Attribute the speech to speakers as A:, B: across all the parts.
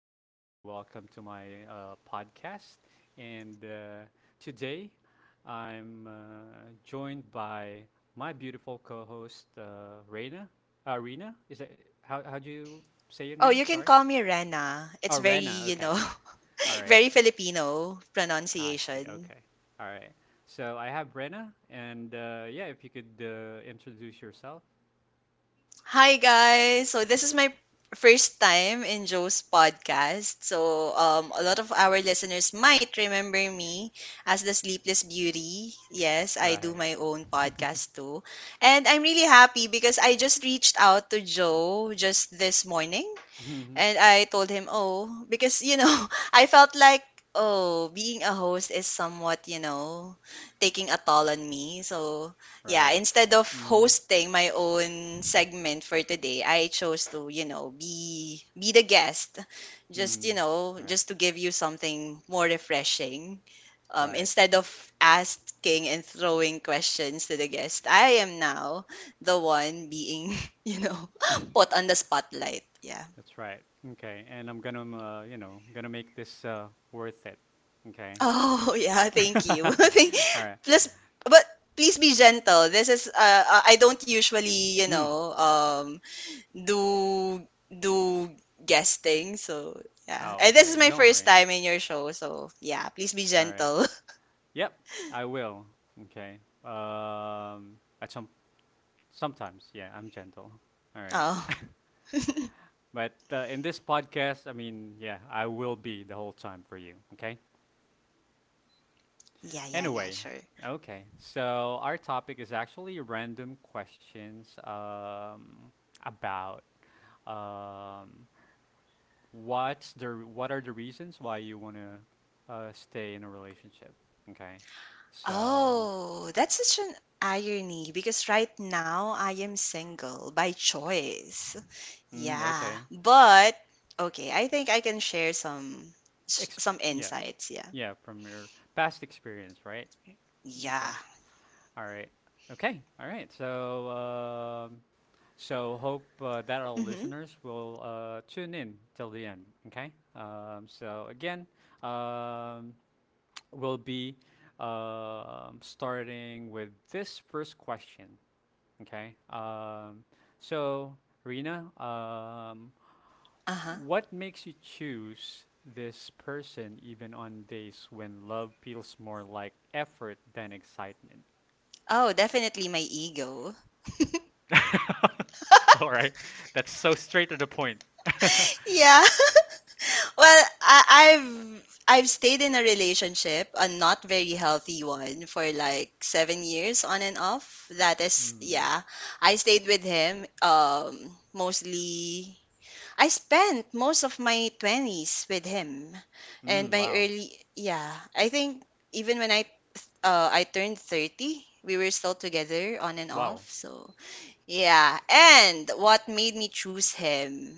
A: and welcome to my podcast. And Today, I'm joined by my beautiful co-host, Reina. Rena, is that how do you say your
B: Oh,
A: name?
B: you can
A: Sorry.
B: call me Rena.
A: Oh,
B: It's very,
A: Rena. Okay. All right.
B: very Filipino
A: I see.
B: pronunciation.
A: Okay. All right. So I have Rena, and yeah, if you could introduce yourself,
B: Hi guys. So this is my first time in Joe's podcast. So a lot of our listeners might remember me as the Sleepless Beauty. Yes, I do
A: right?
B: my own podcast too. And I'm really happy because I just reached out to Joe just this morning.
A: hmm
B: And I told him, oh, because, I felt like, oh, being a host is somewhat, taking a toll on me. So, yeah,
A: Right.
B: instead of
A: Mm.
B: hosting my own segment for today, I chose to, be the guest. Just,
A: Mm. Right.
B: just to give you something more refreshing.
A: Right.
B: Instead of asking and throwing questions to the guest, I am now the one being, you know, put on the spotlight. Yeah.
A: That's right. Okay. And I'm gonna, gonna make this worth it. Okay.
B: Oh, yeah,
A: All
B: thank you. Thank-
A: right.
B: Plus, but please be gentle. This is I don't usually,
A: Mm.
B: do guesting. So, yeah.
A: Oh,
B: And this is
A: okay.
B: my
A: Don't
B: first
A: worry.
B: time in your show, so yeah, please be
A: All right.
B: gentle.
A: Yep. I will. Okay. Um. At sometimes, yeah, I'm gentle. All right.
B: Oh.
A: But in this podcast, I mean, yeah, I will be the whole time for you. Okay.
B: Yeah, yeah, yeah,
A: Anyway,
B: sure.
A: okay. So our topic is actually random questions about um, what's the what are the reasons why you want to stay in a relationship. Okay. So,
B: Oh, that's such an irony because right now I am single by choice.
A: mm,
B: Yeah,
A: okay.
B: but okay, I think I can share
A: Exp-
B: some
A: yeah.
B: insights. Yeah,
A: Yeah, from your past experience, right? Okay.
B: yeah.
A: All right. Okay. All right. So, so hope that our
B: Mm-hmm.
A: listeners will tune in till the end. Okay. So again, um, we'll be starting with this first question. Okay. So Rena,
B: Uh-huh.
A: what makes you choose this person even on days when love feels more like effort than excitement?
B: Oh, definitely my ego.
A: All right. That's so straight to the point.
B: Yeah. Well, I've I've stayed in a relationship, a not very healthy one, for like 7 years on and off. That is,
A: Mm.
B: yeah. I stayed with him. Mostly, I spent most of my twenties with him, and
A: Mm,
B: my
A: wow.
B: early, yeah. I think even when I turned 30. We were still together on and off.
A: Wow.
B: So, yeah. And what made me choose him,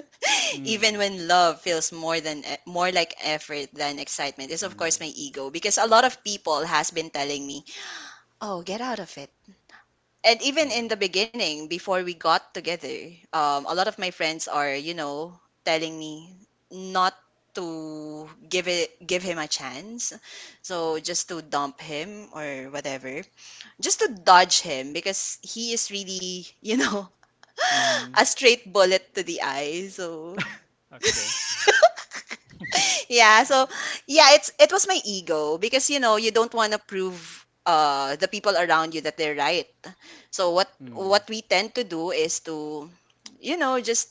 B: even
A: Mm,
B: when love feels more like effort than excitement, is of course
A: mm,
B: my ego because a lot of people has been telling me, "Oh, get out of it." And even
A: yeah.
B: in the beginning, before we got together, a lot of my friends are, you know, telling me not to give him a chance. So just to dump him or whatever. Just to dodge him because he is really, you know,
A: Mm,
B: a straight bullet to the eye. So
A: okay.
B: yeah, so yeah, it's it was my ego because you know, you don't want to prove the people around you that they're right, so what
A: Mm,
B: we tend to do is to you know just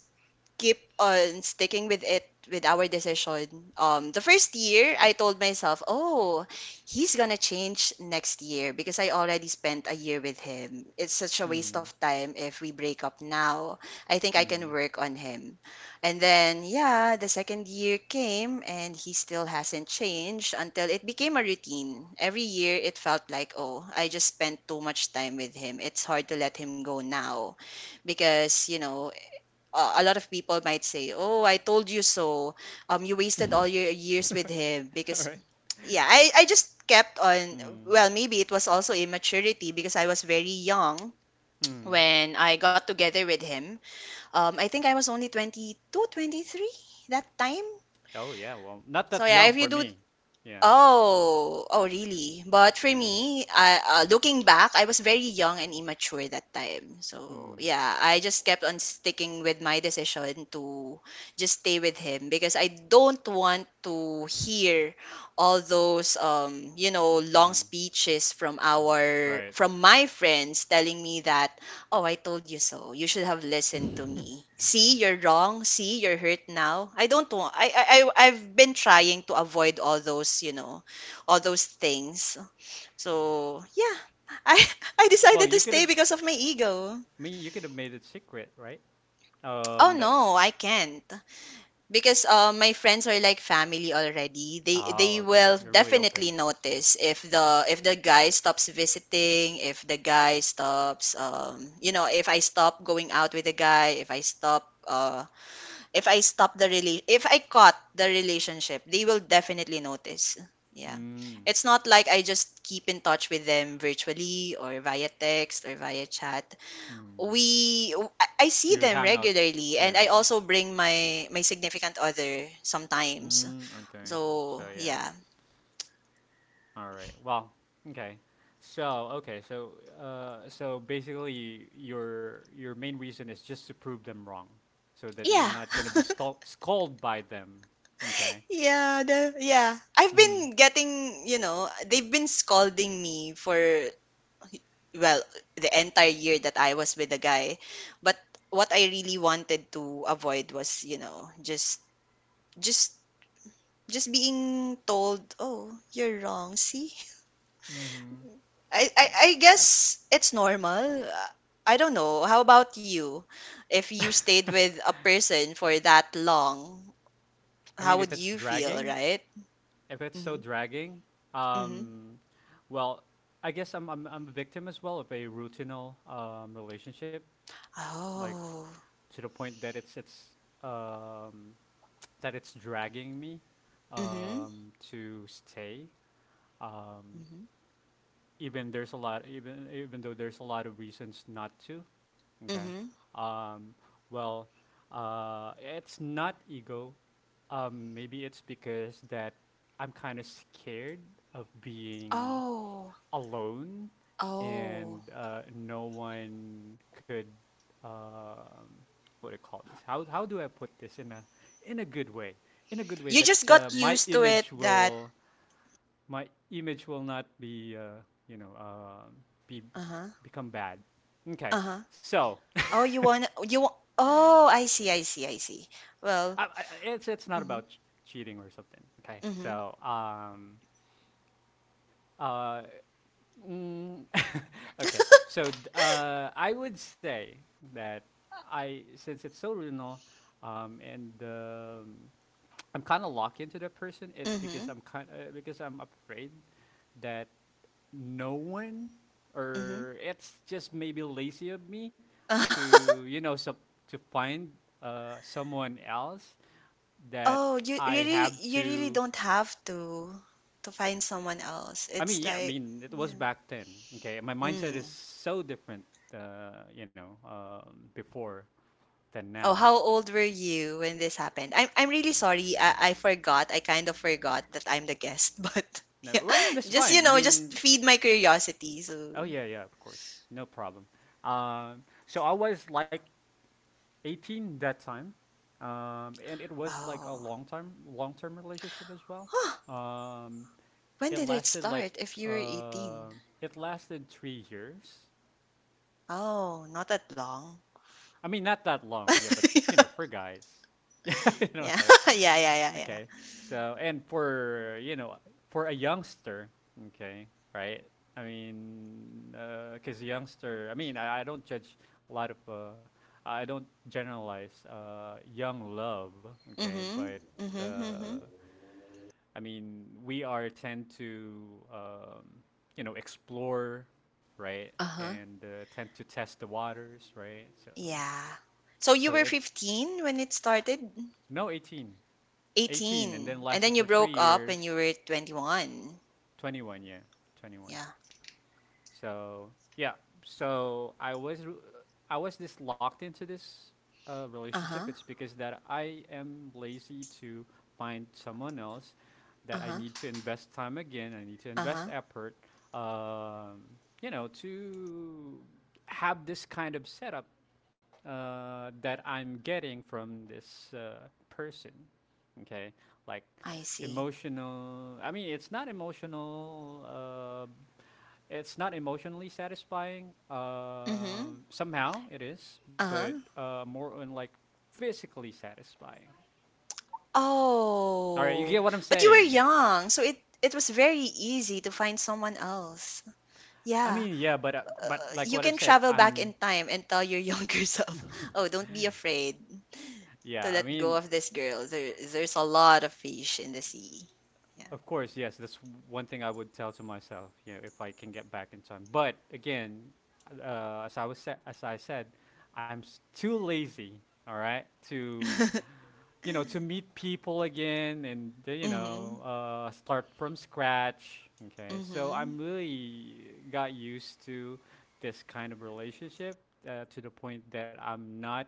B: keep on sticking with it with our decision. The first year, I told myself, oh, he's gonna change next year because I already spent a year with him. It's such a waste of
A: mm,
B: time if we break up now. I think I can
A: mm.
B: work on him. And then, yeah, the second year came and he still hasn't changed until it became a routine. Every year, it felt like, oh, I just spent too much time with him. It's hard to let him go now because you know a lot of people might say, "Oh, I told you so. You wasted all your years with him."
A: All
B: Because
A: right.
B: yeah, I just kept on.
A: Mm,
B: Well, maybe it was also immaturity because I was very young
A: mm.
B: when I got together with him. I think I was only 22, 23 that time.
A: Oh, yeah. Well, not that
B: So yeah,
A: young
B: if
A: for
B: you do.
A: me. Yeah.
B: Oh, oh, really? But for
A: Yeah.
B: me, looking back, I was very young and immature that time. So
A: Mm,
B: yeah, I just kept on sticking with my decision to just stay with him because I don't want to hear all those you know, long
A: mm.
B: speeches from our
A: Right.
B: from my friends telling me that. Oh, I told you so. You should have listened to me. See, you're wrong. See, you're hurt now. I don't want. I've been trying to avoid all those, you know, all those things. So yeah, I, I
A: Well,
B: decided to
A: you could
B: stay
A: have, I
B: because of my ego.
A: mean, you could have made it secret, right? Um,
B: Oh
A: that,
B: no, I can't. Because my friends are like family already. They
A: oh,
B: they
A: okay.
B: will
A: You're really
B: definitely
A: open.
B: notice if the guy stops visiting, if the guy stops you know, if I stop going out with the guy, if I stop if I stop if I cut the relationship, they will definitely notice. Yeah.
A: Mm,
B: It's not like I just keep in touch with them virtually or via text or via chat.
A: mm.
B: We I I see
A: You
B: them
A: hang out.
B: regularly and
A: Yeah.
B: I also bring my significant other sometimes.
A: Mm, okay.
B: So,
A: So, yeah.
B: yeah.
A: All right. Well, okay. So, okay. So, so basically, your main reason is just to prove them wrong, so that you're
B: Yeah.
A: not gonna be stol- scolded by them. Okay.
B: yeah, the yeah. I've
A: hmm
B: been getting, you know, they've been scolding me for, well, the entire year that I was with the guy. But what I really wanted to avoid was, you know, just just being told, "Oh, you're wrong. See? I
A: I,
B: guess it's normal. I don't know. How about you? If you stayed with a person for that long, how would
A: if it's
B: you feel,
A: dragging,
B: right?
A: if it's so
B: Mm-hmm.
A: dragging,
B: Mm-hmm.
A: um, well, I guess I'm a victim as well of a routinal relationship, like
B: Oh.
A: to the point that it's um that it's dragging me
B: Mm-hmm.
A: to stay um,
B: Mm-hmm.
A: even there's a lot even even though there's a lot of reasons not to. Okay.
B: Mm-hmm.
A: Um, well, it's not ego maybe it's because that I'm kind of scared of being
B: Oh.
A: alone, and
B: Oh.
A: no one could um, what do you call this? How do I put this in a good way, in a good way,
B: You
A: that
B: just got used to it that
A: my image will not be you know uh, be
B: uh-huh.
A: become bad. Okay.
B: Uh-huh.
A: so
B: Oh, you wanna you wa- Oh, I see. Well,
A: it's not
B: mm-hmm.
A: about ch- cheating or something. Okay.
B: Mm-hmm.
A: Uh Mm. Okay, so d- I would say that I, since it's so regional, and I'm kind of locked into that person. It's because
B: Mm-hmm.
A: I'm kind because I'm afraid that no one, or it's just maybe lazy of me
B: Mm-hmm.
A: to you know sup to find someone else that
B: Oh,
A: I have
B: you really
A: to.
B: don't have to find someone else.
A: I mean,
B: It's
A: yeah, I
B: like
A: mean, it was
B: yeah.
A: back then. Okay, my mindset
B: Mm.
A: is so different, before than
B: Oh,
A: now.
B: how old were you when this happened? I'm really sorry. I forgot. I kind of forgot that I'm the guest, but
A: No,
B: yeah.
A: well, I mean, that's
B: Just you
A: fine. I
B: know, just
A: mean,
B: feed my curiosity. So,
A: oh yeah, yeah, of course, no problem. So I was like 18 that time, and it was like a
B: oh.
A: long time, long term relationship as well.
B: Huh.
A: Um,
B: When
A: it
B: did it
A: lasted like
B: start if you were
A: uh,
B: 18?
A: it lasted 3 years.
B: Oh, not that long.
A: I mean, not that long, yeah, but you know,
B: Yeah.
A: for guys, yeah, you know,
B: Yeah,
A: so
B: yeah, yeah, yeah.
A: okay, so and for you know, for a youngster, okay, right? I mean, because youngster, I mean, I don't judge a lot of, I don't generalize young love, okay,
B: Mm-hmm.
A: but
B: Mm-hmm.
A: uh, I mean, we are tend to, you know, explore, right,
B: Mm-hmm.
A: and tend to test the waters, right? So,
B: Yeah. So
A: so
B: you were
A: it.
B: 15 when it started?
A: No, 18. 18, and then
B: 18. And
A: lasted
B: then you
A: for three
B: broke up when you
A: years.
B: were 21.
A: 21, yeah, 21.
B: Yeah.
A: So yeah, so I was r- I was this locked into this relationship.
B: Uh-huh.
A: It's because that I am lazy to find someone else, that I
B: Uh-huh.
A: need to invest time again. I need to invest
B: Uh-huh.
A: effort. Um, you know, to have this kind of setup that I'm getting from this person. Okay, like
B: I see.
A: emotional. I mean, it's not emotional. It's not emotionally satisfying.
B: Mm-hmm.
A: Somehow it is, but
B: Uh-huh.
A: more on like physically satisfying. All right, you get
B: Oh.
A: what I'm
B: But you were
A: saying.
B: young, so it was very easy to find someone else.
A: I
B: Yeah.
A: mean, yeah, but like
B: You
A: what I've
B: can
A: said,
B: travel back
A: I'm
B: in time and tell your younger self, "Oh, don't be afraid
A: yeah.
B: to
A: I
B: let go
A: mean,
B: of this girl. There's a lot of fish in the sea." Yeah.
A: of course, yes. That's one thing I would tell to myself, you know, if I can get back in time. But again, as I said, I'm s- too lazy, all right, to you know, to meet people again and,
B: Mm-hmm.
A: start from scratch. Okay. So
B: Mm-hmm.
A: I'm really got used to this kind of relationship to the point that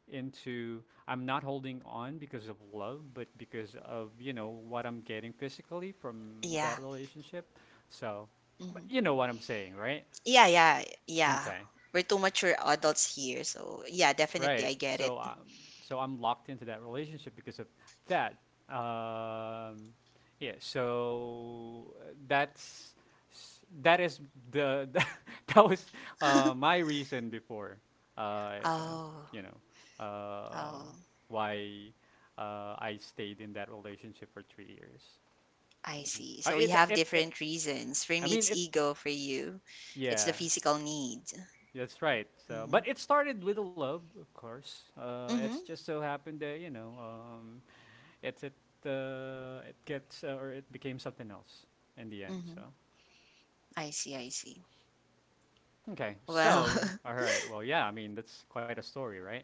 A: into, I'm not holding on because of love, but because of, you know, what I'm getting physically from
B: Yeah.
A: that relationship. So, but
B: Mhm.
A: you know what I'm saying, right?
B: Yeah, yeah, yeah.
A: Okay.
B: We're too mature adults here, so yeah,
A: Right.
B: definitely I get
A: So
B: it.
A: so I'm locked into that relationship because of that. Um, yeah. So that is the that was my reason before. Uh, you
B: Oh,
A: know, um,
B: oh,
A: why I stayed in that relationship for 3 years.
B: I
A: Hmm
B: see. So we
A: It,
B: have
A: it it
B: different reasons. For
A: I
B: me,
A: mean
B: it's
A: it.
B: ego. For you, it's the
A: Yeah.
B: physical need.
A: That's right. So,
B: Mm-hmm.
A: but it started with a love, of course. It's
B: Mm-hmm.
A: just so happened that you know, it it it gets or it became something else in the end. So,
B: Mm-hmm. I see.
A: okay.
B: Well,
A: So, all right. Well, yeah. I mean, that's quite a story, right?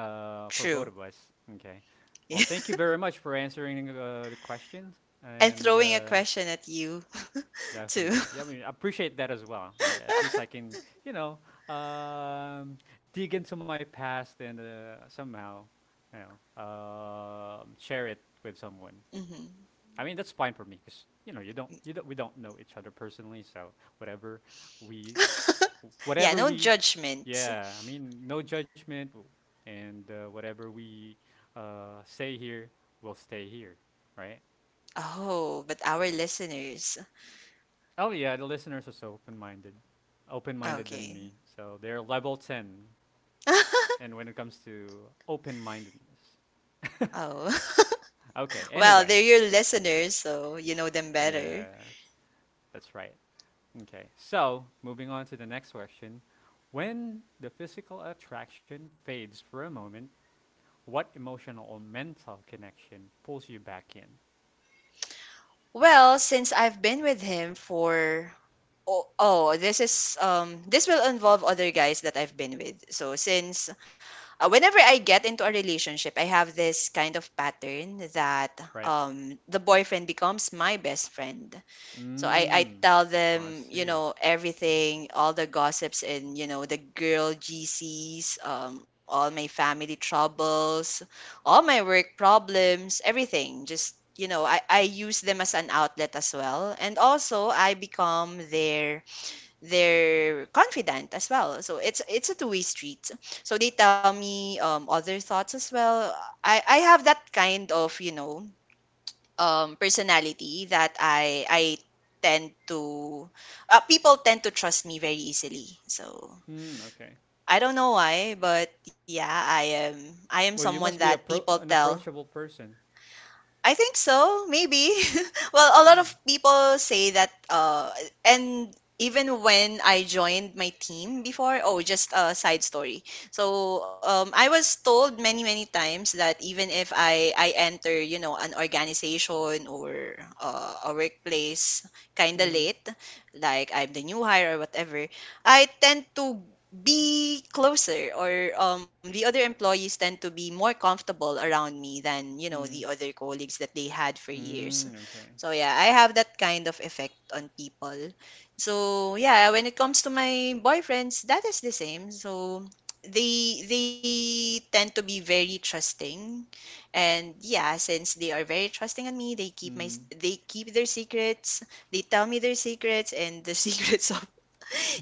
A: For
B: true.
A: both of us. Okay. Well,
B: Yeah.
A: thank you very much for answering the questions,
B: And
A: and
B: throwing a question at you too.
A: definitely. Yeah, I mean, I appreciate that as well. All right. At least I can, you know, um, dig into my past and somehow, you know, share it with someone.
B: hmm
A: I mean, that's fine for me because you know you don't we don't know each other personally, so whatever we
B: Yeah,
A: whatever
B: no
A: we
B: judgment.
A: yeah, I mean, no judgment w- and whatever we say here will stay here, right?
B: Oh, but our listeners.
A: Oh yeah, the listeners are so open-minded, open-minded than
B: Okay.
A: me. So they're level ten, and when it comes to open-mindedness,
B: Oh.
A: okay.
B: Well,
A: Anyway,
B: they're your listeners, so you know them better.
A: yeah, that's right. Okay, so moving on to the next question: When the physical attraction fades for a moment, what emotional or mental connection pulls you back in?
B: Well, since I've been with him for, oh, oh this is this will involve other guys that I've been with. So since whenever I get into a relationship, I have this kind of pattern that
A: Right?
B: the boyfriend becomes my best friend. So I
A: Mm,
B: tell
A: I
B: them, you
A: see.
B: know, everything, all the gossips and, you know, the girl GCs, all my family troubles, all my work problems, everything. Just, you know, I use them as an outlet as well. And also I become their confidant as well. So it's a two-way street. So they tell me other thoughts as well. I have that kind of, you know, personality that I tend to people tend to trust me very easily. So
A: Mm, okay.
B: I don't know why, but yeah, I am
A: Well, you
B: someone
A: must be a
B: that
A: pro-
B: people
A: an
B: tell.
A: approachable person.
B: I think so, maybe. Well, a
A: Yeah.
B: lot of people say that and even when I joined my team before, oh, just a side story. So, I was told many many times that even if I enter, you know, an organization or a workplace kind of
A: Mm-hmm.
B: late, like I'm the new hire or whatever, I tend to be closer or the other employees tend to be more comfortable around me than you know
A: Mm.
B: the other colleagues that they had for years.
A: Mm, okay.
B: So yeah, I have that kind of effect on people. So yeah, when it comes to my boyfriends that is the same. So they tend to be very trusting. And yeah, since they are very trusting on me,
A: Mm,
B: they keep their secrets. They tell me their secrets and the secrets of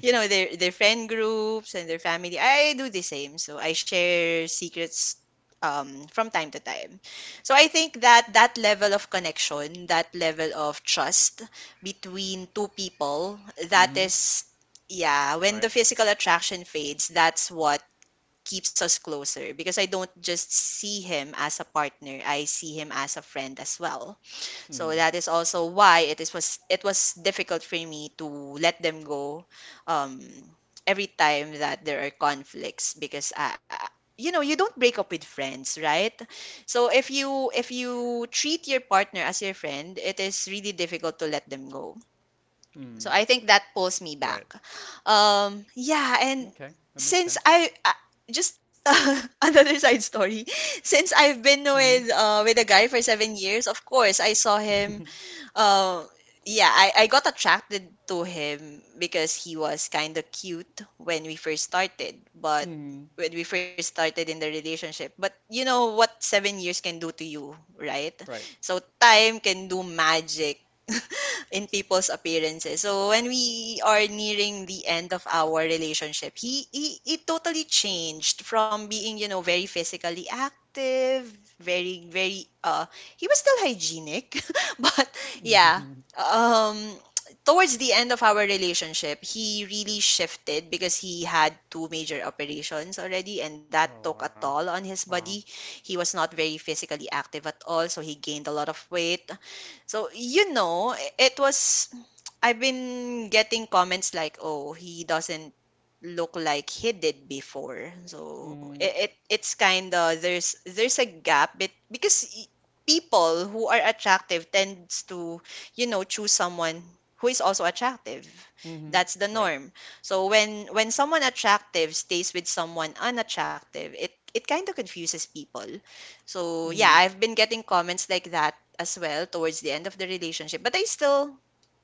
B: you know their friend groups and their family. I do the same, so I share secrets from time to time. So I think that that level of connection, that level of trust between two people, that
A: mm,
B: is, yeah, when the
A: right.
B: physical attraction fades, that's what keeps us closer, because I don't just see him as a partner, I see him as a friend as well. So
A: Mm,
B: that is also why it was difficult for me to let them go um, every time that there are conflicts because you know you don't break up with friends, right? So if you treat your partner as your friend, it is really difficult to let them go. So
A: mm,
B: I think that pulls me back.
A: right.
B: Yeah, and
A: Okay, that makes
B: since
A: sense.
B: I, I just another side story, since I've been
A: Mm,
B: with a guy for 7 years. Of course I saw him uh yeah, I got attracted to him because he was kind of cute when we first started, but
A: mm,
B: when we first started in the relationship. But you know what 7 years can do to you, right?
A: right.
B: So time can do magic in people's appearances. So when we are nearing the end of our relationship, he it totally changed from being very physically active, very very he was still hygienic, but yeah.
A: Oh,
B: um Towards the end of our relationship, he really shifted because he had 2 major operations already, and that took a
A: wow,
B: toll on his
A: wow.
B: body. He was not very physically active at all, so he gained a lot of weight. So you know it was I've been getting comments like, "Oh, he doesn't look like he did before." So
A: Mm,
B: it, it it's kind of, there's a gap. People who are attractive tends to, choose someone who is also attractive.
A: mm,
B: That's the
A: right.
B: norm. So when someone attractive stays with someone unattractive, it kind of confuses people. So
A: Mm,
B: yeah, I've been getting comments like that as well towards the end of the relationship, but I still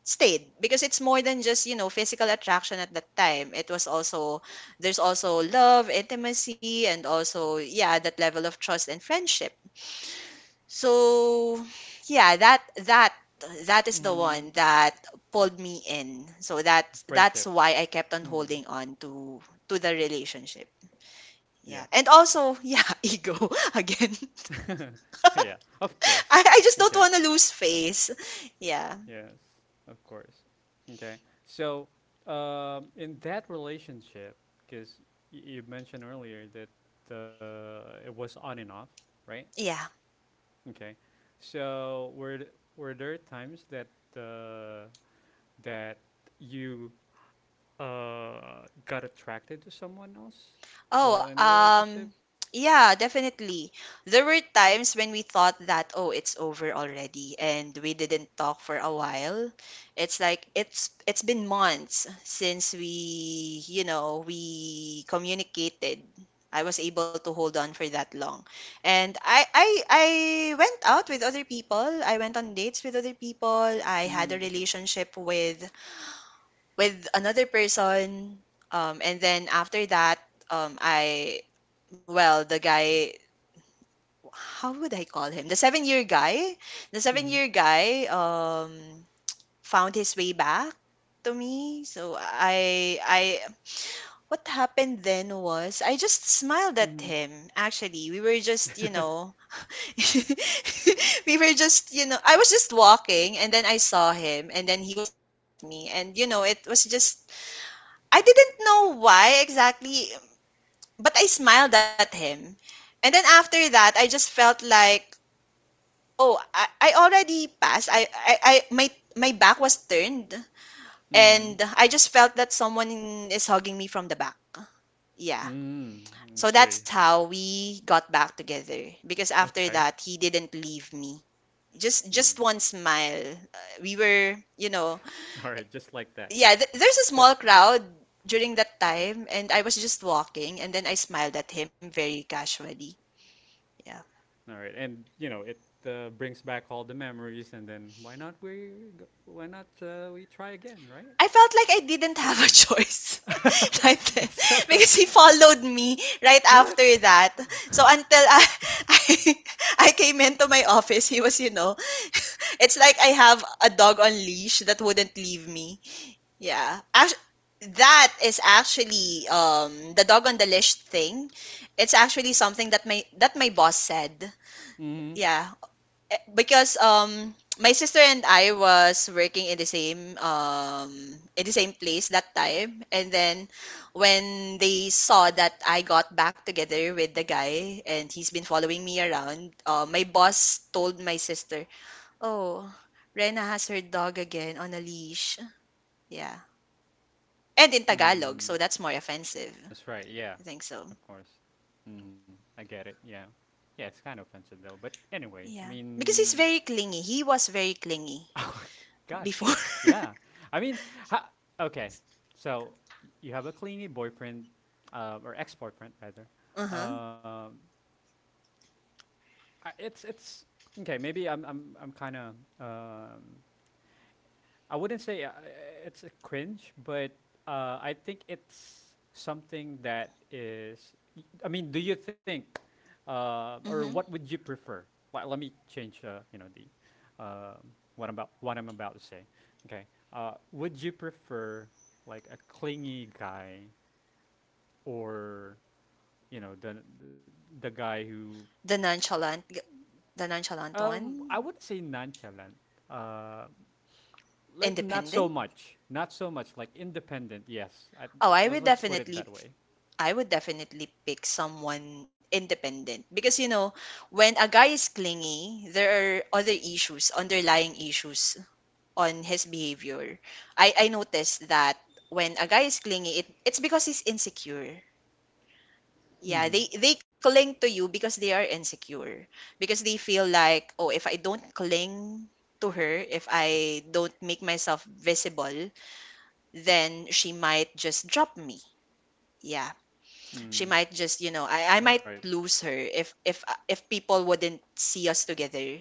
B: stayed because it's more than just physical attraction. At that time, it was also, there's also love, intimacy, and also yeah, that level of trust and friendship. So yeah, that is the
A: mm.
B: one that pulled me in. So that's
A: Friendship.
B: why I kept on
A: Mm,
B: holding on to the relationship.
A: yeah.
B: Yeah, and also yeah, ego, again.
A: Yeah, of course.
B: I just don't
A: Okay.
B: want to lose face. Yeah.
A: Yes, of course. Okay. So, in that relationship, because you mentioned earlier that it was on and off, right?
B: Yeah.
A: Okay. So, were th- were there times that uh, that you got attracted to someone else
B: Oh,
A: while in the relationship?
B: yeah, definitely. There were times when we thought that, oh, it's over already, and we didn't talk for a while. It's like it's been months since we, we communicated. I was able to hold on for that long. And I went out with other people. I went on dates with other people. I had
A: Mm.
B: a relationship with another person. And then after that, I, well, the guy, how would I call him, the 7 year guy, the seven
A: Mm-hmm.
B: year guy um found his way back to me. So I What happened then was I just smiled at
A: Mm-hmm.
B: him. Actually, we were just, we were just you know I was just walking, and then I saw him, and then he was staring at me, and you know, it was just, I didn't know why exactly, but I smiled at him. And then after that, I just felt like, oh, I already passed. I my My back was turned, and I just felt that someone is hugging me from the back. Yeah.
A: Mm-hmm. Mm. I
B: So that's
A: see.
B: how we got back together. Because after
A: Okay.
B: that, he didn't leave me. Just
A: Mm.
B: just one smile. We were,
A: All right. Just like that.
B: yeah, there's a small
A: Just
B: crowd during that time, and I was just walking, and then I smiled at him very casually. Yeah.
A: all right, and you know it brings back all the memories, and then why not we go, why not we try again, right?
B: I felt like I didn't
A: Could have
B: have a
A: been.
B: choice right
A: You
B: then
A: still don't.
B: because he followed me right after
A: What?
B: that. So until I, I, I came into my office, he was, it's like I have a dog on leash that wouldn't leave me. Yeah. That is actually the dog on the leash thing. It's actually something that my that my boss said.
A: Mm-hmm.
B: Yeah. Eh, because my sister and I was working in the same place that time, and then when they saw that I got back together with the guy and he's been following me around, my boss told my sister, "Oh, Rena has her dog again on a leash." Yeah. And in Tagalog,
A: Mm.
B: so that's more offensive.
A: That's right. Yeah,
B: I think so.
A: of course. Mm, I get it. Yeah, yeah. It's kind of offensive though, but anyway, I
B: Yeah. Because he's
A: mean,
B: very clingy. He was very clingy
A: oh gosh,
B: before.
A: yeah. I mean, ha- okay. So y- you have a clingy boyfriend, or ex-boyfriend rather,
B: Uh-huh.
A: um, it's okay. Maybe I'm kind of um, I wouldn't say it's a cringe, but I think it's something that is. I mean, do you think, or
B: Mm-hmm.
A: what would you prefer? Well, let me change. You know the um what about what I'm about to say. Okay, would you prefer like a clingy guy or you know the guy who.
B: The nonchalant g- the nonchalant
A: I
B: one,
A: would say nonchalant. Uh, like not so
B: independent.
A: much, not so much. Like independent, yes.
B: Oh,
A: Let- let's put it that way.
B: I would definitely pick someone independent because, you know, when a guy is clingy, there are other issues, underlying issues on his behavior. I noticed that when a guy is clingy, it's because he's insecure. Yeah,
A: Mm-hmm.
B: they cling to you because they are insecure. Because they feel like, oh, if I don't cling to her, if I don't make myself visible, then she might just drop me. Yeah, she
A: Mm.
B: might just, I
A: Right.
B: might lose her if people wouldn't see us together.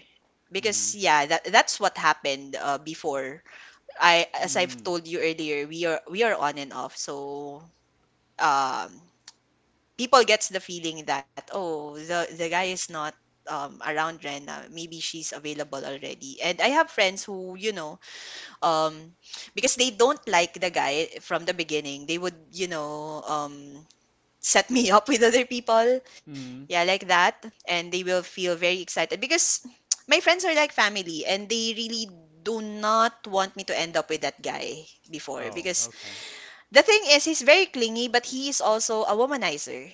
A: Mm-hmm.
B: Because yeah, that that's what happened before. I as I've
A: Mm.
B: told you earlier, we are on and off. So um people gets the feeling that, oh, the guy is not around Rena, maybe she's available already. And I have friends who, um because they don't like the guy from the beginning, they would, set me up with other people.
A: Mm.
B: Yeah, like that. And they will feel very excited because my friends are like family, and they really do not want me to end up with that guy before,
A: Oh,
B: because
A: okay.
B: the thing is, he's very clingy, but he is also a womanizer.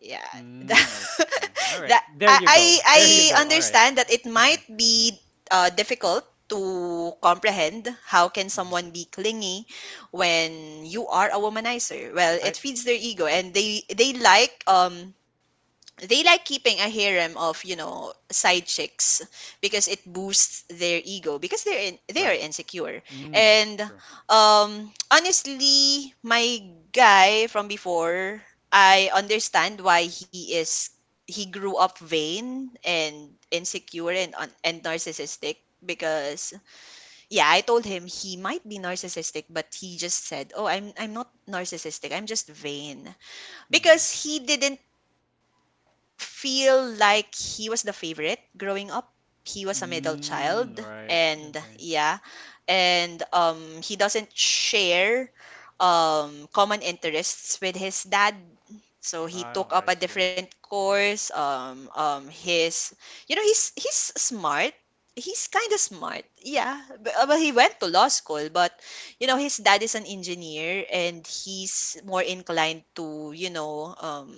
B: Yeah.
A: Mm, okay.
B: That,
A: All right.
B: that
A: There you go. There
B: I
A: you go. All right.
B: understand that it
A: Okay.
B: might be difficult to comprehend how can
A: Mm-hmm.
B: someone be clingy when you are a womanizer. Well,
A: I
B: it feeds their ego, and they like, they like keeping a harem of, side chicks because it boosts their ego, because they are
A: right.
B: insecure.
A: Mm.
B: And
A: True.
B: honestly, my guy from before, I understand why he is. He grew up vain and insecure and narcissistic. Because yeah, I told him he might be narcissistic, but he just said, oh, I'm not narcissistic, I'm just vain.
A: Mm-hmm.
B: Because he didn't feel like he was the favorite growing up. He was a middle
A: Mm.
B: child
A: Right.
B: and
A: Okay.
B: yeah, and he doesn't share common interests with his dad. So he
A: Oh,
B: took
A: I
B: up a
A: see.
B: different course. His, you know, he's smart. He's kind of smart. Yeah, but he went to law school, but you know, his dad is an engineer, and he's more inclined to, you know, um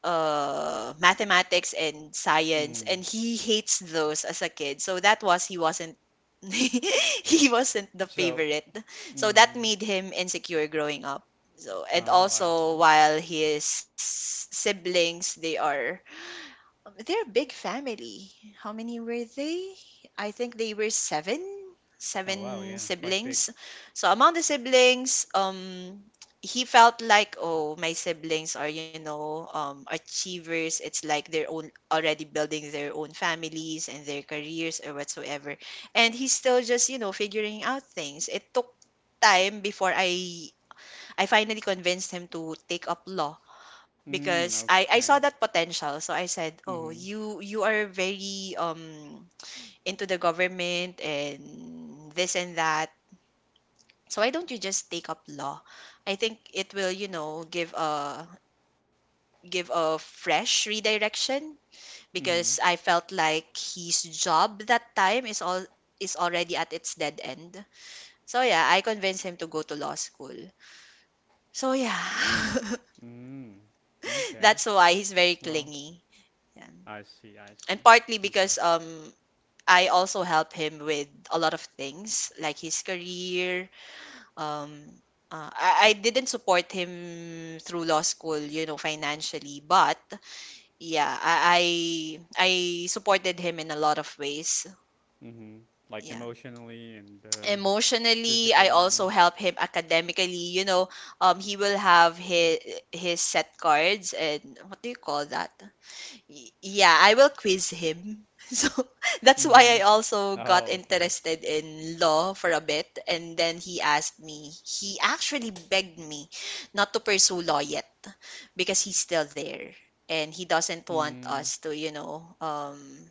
B: uh, mathematics and science,
A: Mm.
B: and he hates those as a kid. So that was, he wasn't he wasn't the
A: So.
B: favorite. So that
A: Mm.
B: made him insecure growing up. So,
A: Oh,
B: and
A: I
B: also
A: see.
B: while his siblings, they are, they're a big family. How many were they? I think they were seven,
A: Oh wow,
B: seven
A: yeah, quite big.
B: siblings. So among the siblings, he felt like, oh, my siblings are, you know, achievers. It's like they're own already building their own families and their careers or whatsoever. And he's still just, you know, figuring out things. It took time before I finally convinced him to take up law,
A: Mm,
B: because I
A: okay.
B: saw that potential. So I said,
A: Mm-hmm.
B: "Oh, you are very into the government and this and that. So why don't you just take up law? I think it will, you know, give a fresh redirection,
A: Mm-hmm.
B: because I felt like his job that time is all is already at its dead end. So yeah, I convinced him to go to law school. So yeah.
A: Mm. Okay.
B: That's why he's very
A: Well,
B: clingy. Yeah.
A: I see, I see.
B: And partly
A: Okay.
B: because I also help him with a lot of things, like his career. Um, I didn't support him through law school, you know, financially, but yeah, I supported him in a lot of ways.
A: Mm-hmm. Like
B: Yeah.
A: emotionally and
B: Emotionally, I also
A: physically.
B: help him academically. You know, he will have his set cards and what do you call that? Yeah, I will quiz him. So that's why I
A: Mm-hmm.
B: also got
A: Oh, okay.
B: interested in law for a bit. And then he asked me, he actually begged me not to pursue law yet because he's still there. And he doesn't want
A: Mm.
B: us to, you know,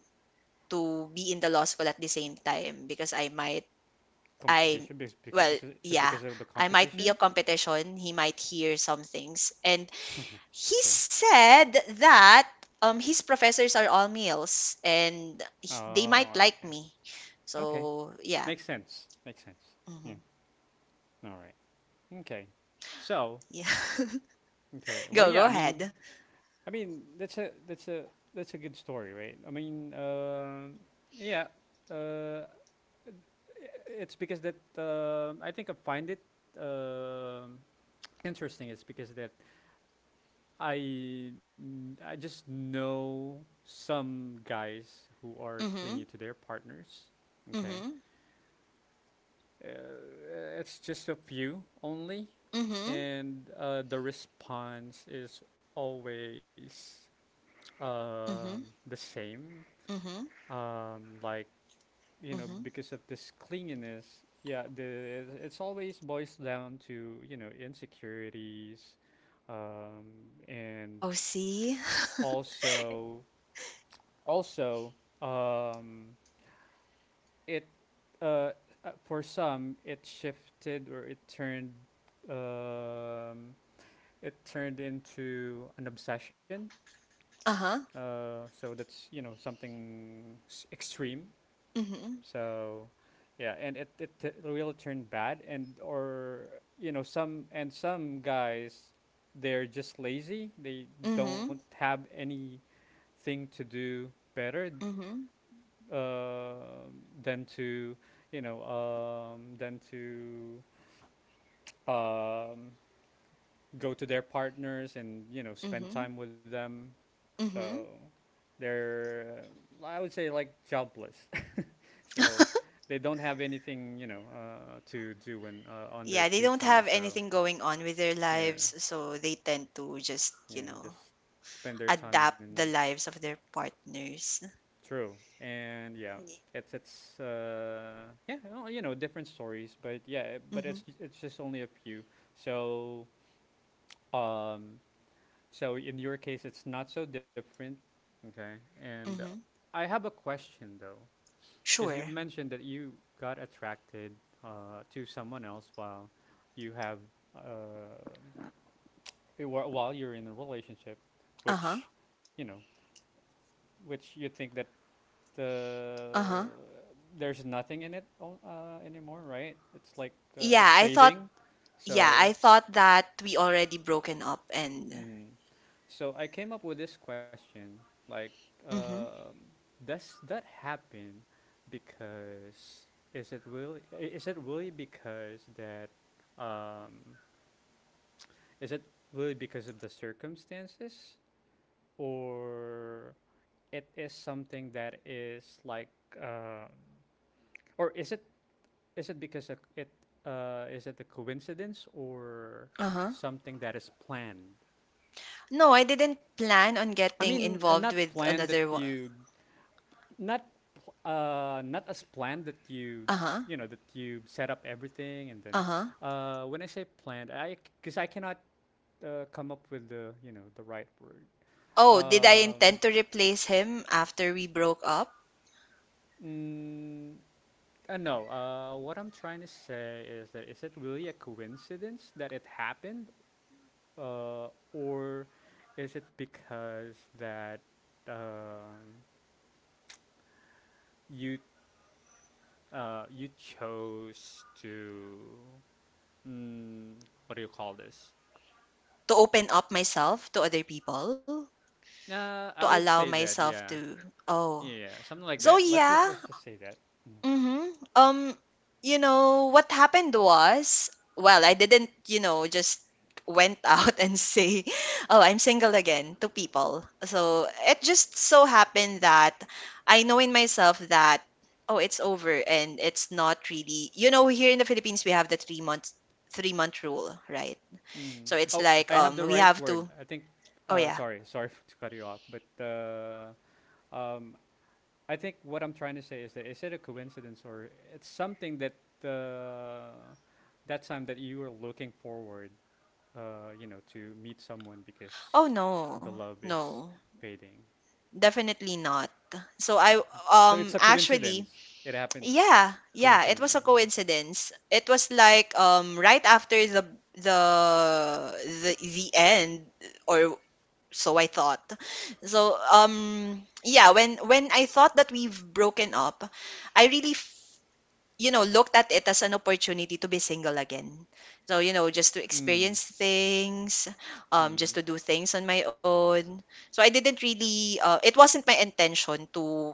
B: to be in the law school at the same time because I might, I,
A: Competition because
B: well,
A: is it
B: yeah,
A: because of the
B: I might be a
A: competition?
B: competition. He might hear some things. And he
A: Okay.
B: said that his professors are all males and they might
A: Oh,
B: like
A: okay.
B: me.
A: Okay.
B: So yeah,
A: Makes sense. Makes sense. Yeah.
B: hmm.
A: All right. Okay. So,
B: Yeah.
A: okay. Well,
B: Go
A: yeah,
B: ahead.
A: I mean, that's a that's a that's a good story, right? Yeah, uh, it's because that I think I find it uh, interesting. It's because that I just know some guys who are
B: Mm-hmm.
A: clingy to their partners. Okay,
B: Mm-hmm.
A: it's just a few only,
B: Mm-hmm.
A: and the response is always
B: Mm-hmm.
A: the same.
B: Mm-hmm.
A: Like you know
B: Mm-hmm.
A: because of this clinginess, yeah, the it's always boils down to you know insecurities. And
B: Oh, see.
A: also, also, um, it uh, for some it shifted or it turned, um, it turned into an obsession.
B: Uh-huh.
A: So that's you know something extreme.
B: Mm-hmm.
A: So, yeah, and it will turn bad, and or you know some, and some guys, they're just lazy. They don't
B: Mm-hmm.
A: have anything to do better,
B: Mm-hmm.
A: uh, than to, you know, than to um, go to their partners and you know spend
B: Mm-hmm.
A: time with them. So,
B: Mm-hmm.
A: they're I would say like jobless. So they don't have anything, you know, to do when on their
B: Yeah, they
A: free
B: don't
A: time.
B: have
A: So
B: anything going on with their
A: yeah,
B: lives, so they tend to just, you
A: yeah, just
B: know,
A: spend their time
B: adapt
A: in
B: the lives of their partners.
A: true. And yeah, it's yeah, well, you know, different stories, but yeah, but
B: Mm-hmm.
A: it's just only a few. So um, so in your case, it's not so different. Okay, and
B: Mm-hmm.
A: I have a question though. Because you
B: Sure.
A: mentioned that you got attracted to someone else while you have, uh, while you're in a relationship,
B: Uh-huh.
A: which, you know, which you think that uh,
B: Uh-huh.
A: there's nothing in it anymore, right? It's like
B: Yeah,
A: it's
B: I thought
A: fading,
B: yeah,
A: so.
B: I thought that we already broken up and
A: Mhm. So I came up with this question, like,
B: mm-hmm.
A: uh, does that happen because is it really because that, um, is it really because of the circumstances, or it is something that is like, or is it is it because of it, is it a coincidence or
B: Uh-huh.
A: something that is planned?
B: No, I didn't plan on
A: I
B: getting
A: mean,
B: involved
A: not
B: with
A: planned that
B: another one.
A: you. Not not as planned that you
B: Uh-huh.
A: you know that you set up everything and then
B: Uh-huh.
A: when I say planned I because I cannot come up with the you know the right word.
B: Oh, did I
A: Um,
B: intend to replace him after we broke up?
A: mm, no, what I'm trying to say is that is it really a coincidence that it happened, or is it because that um you you chose to, mm, what do you call this?
B: To open up myself to other people? To
A: I would
B: allow
A: say that,
B: myself
A: yeah,
B: to. Oh.
A: yeah, yeah, something like
B: So
A: that. Let's just let's
B: yeah.
A: just say that.
B: Mm-hmm. What happened was, well, I didn't, just went out and say, oh, I'm single again to people. So it just so happened that I know in myself that, oh, it's over, and it's not really, here in the Philippines, we have the 3-month rule, right?
A: Mm.
B: So it's
A: Oh,
B: like,
A: I have the
B: we
A: right
B: have
A: word,
B: to.
A: I think.
B: Oh, yeah.
A: Sorry, sorry, to cut you off, but um, I think what I'm trying to say is that is it a coincidence or it's something that, uh, that time that you were looking forward, you know, to meet someone
B: Oh,
A: because the
B: no,
A: love is
B: no,
A: fading.
B: definitely not. So I,
A: So it's a
B: actually,
A: coincidence. It happened
B: yeah, yeah, it was a
A: coincidentally. Yeah.
B: coincidence. It was like right after the the end, or so I thought. So yeah, when I thought that we've broken up, I really looked at it as an opportunity to be single again. So just to
A: Mm.
B: experience things, just
A: Mm.
B: to do things on my own. So I didn't really, it wasn't my intention to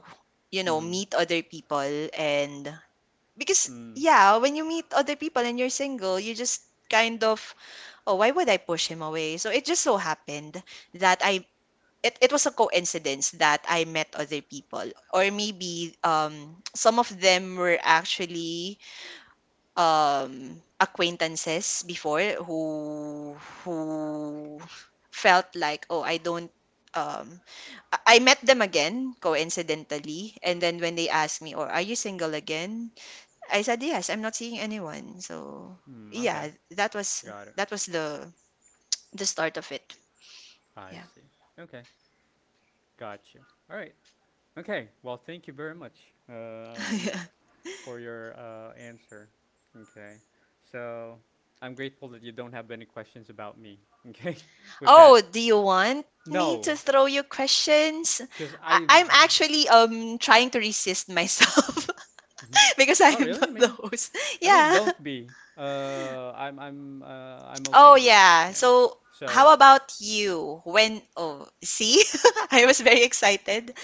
A: Mm.
B: meet other people, and because
A: Mm.
B: yeah, when you meet other people and you're single, you just kind of, oh, why would I push him away? So it just so happened that it was a coincidence that I met other people, or maybe some of them were actually acquaintances before who felt like, oh, I don't um I I met them again coincidentally, and then when they asked me, or, are you single again, I said, "Yes, I'm not seeing anyone." So,
A: Mm. Okay.
B: yeah, that was
A: Got it.
B: that was the the start of it.
A: I
B: Yeah.
A: see. Okay. Got you. All right. Okay. Well, thank you very much, um, for your answer. Okay. So I'm grateful that you don't have any questions about me. Okay. With
B: Oh,
A: that.
B: do you want me to
A: No,
B: throw you questions?
A: because
B: I,
A: I.
B: I'm actually trying to resist myself
A: Mhm.
B: because
A: Oh,
B: I'm
A: really?
B: not the host.
A: I mean,
B: Yeah.
A: don't be. I'm
B: Oh
A: okay with it.
B: yeah.
A: Yeah.
B: So
A: So
B: how about you? When Oh, see, I was very excited.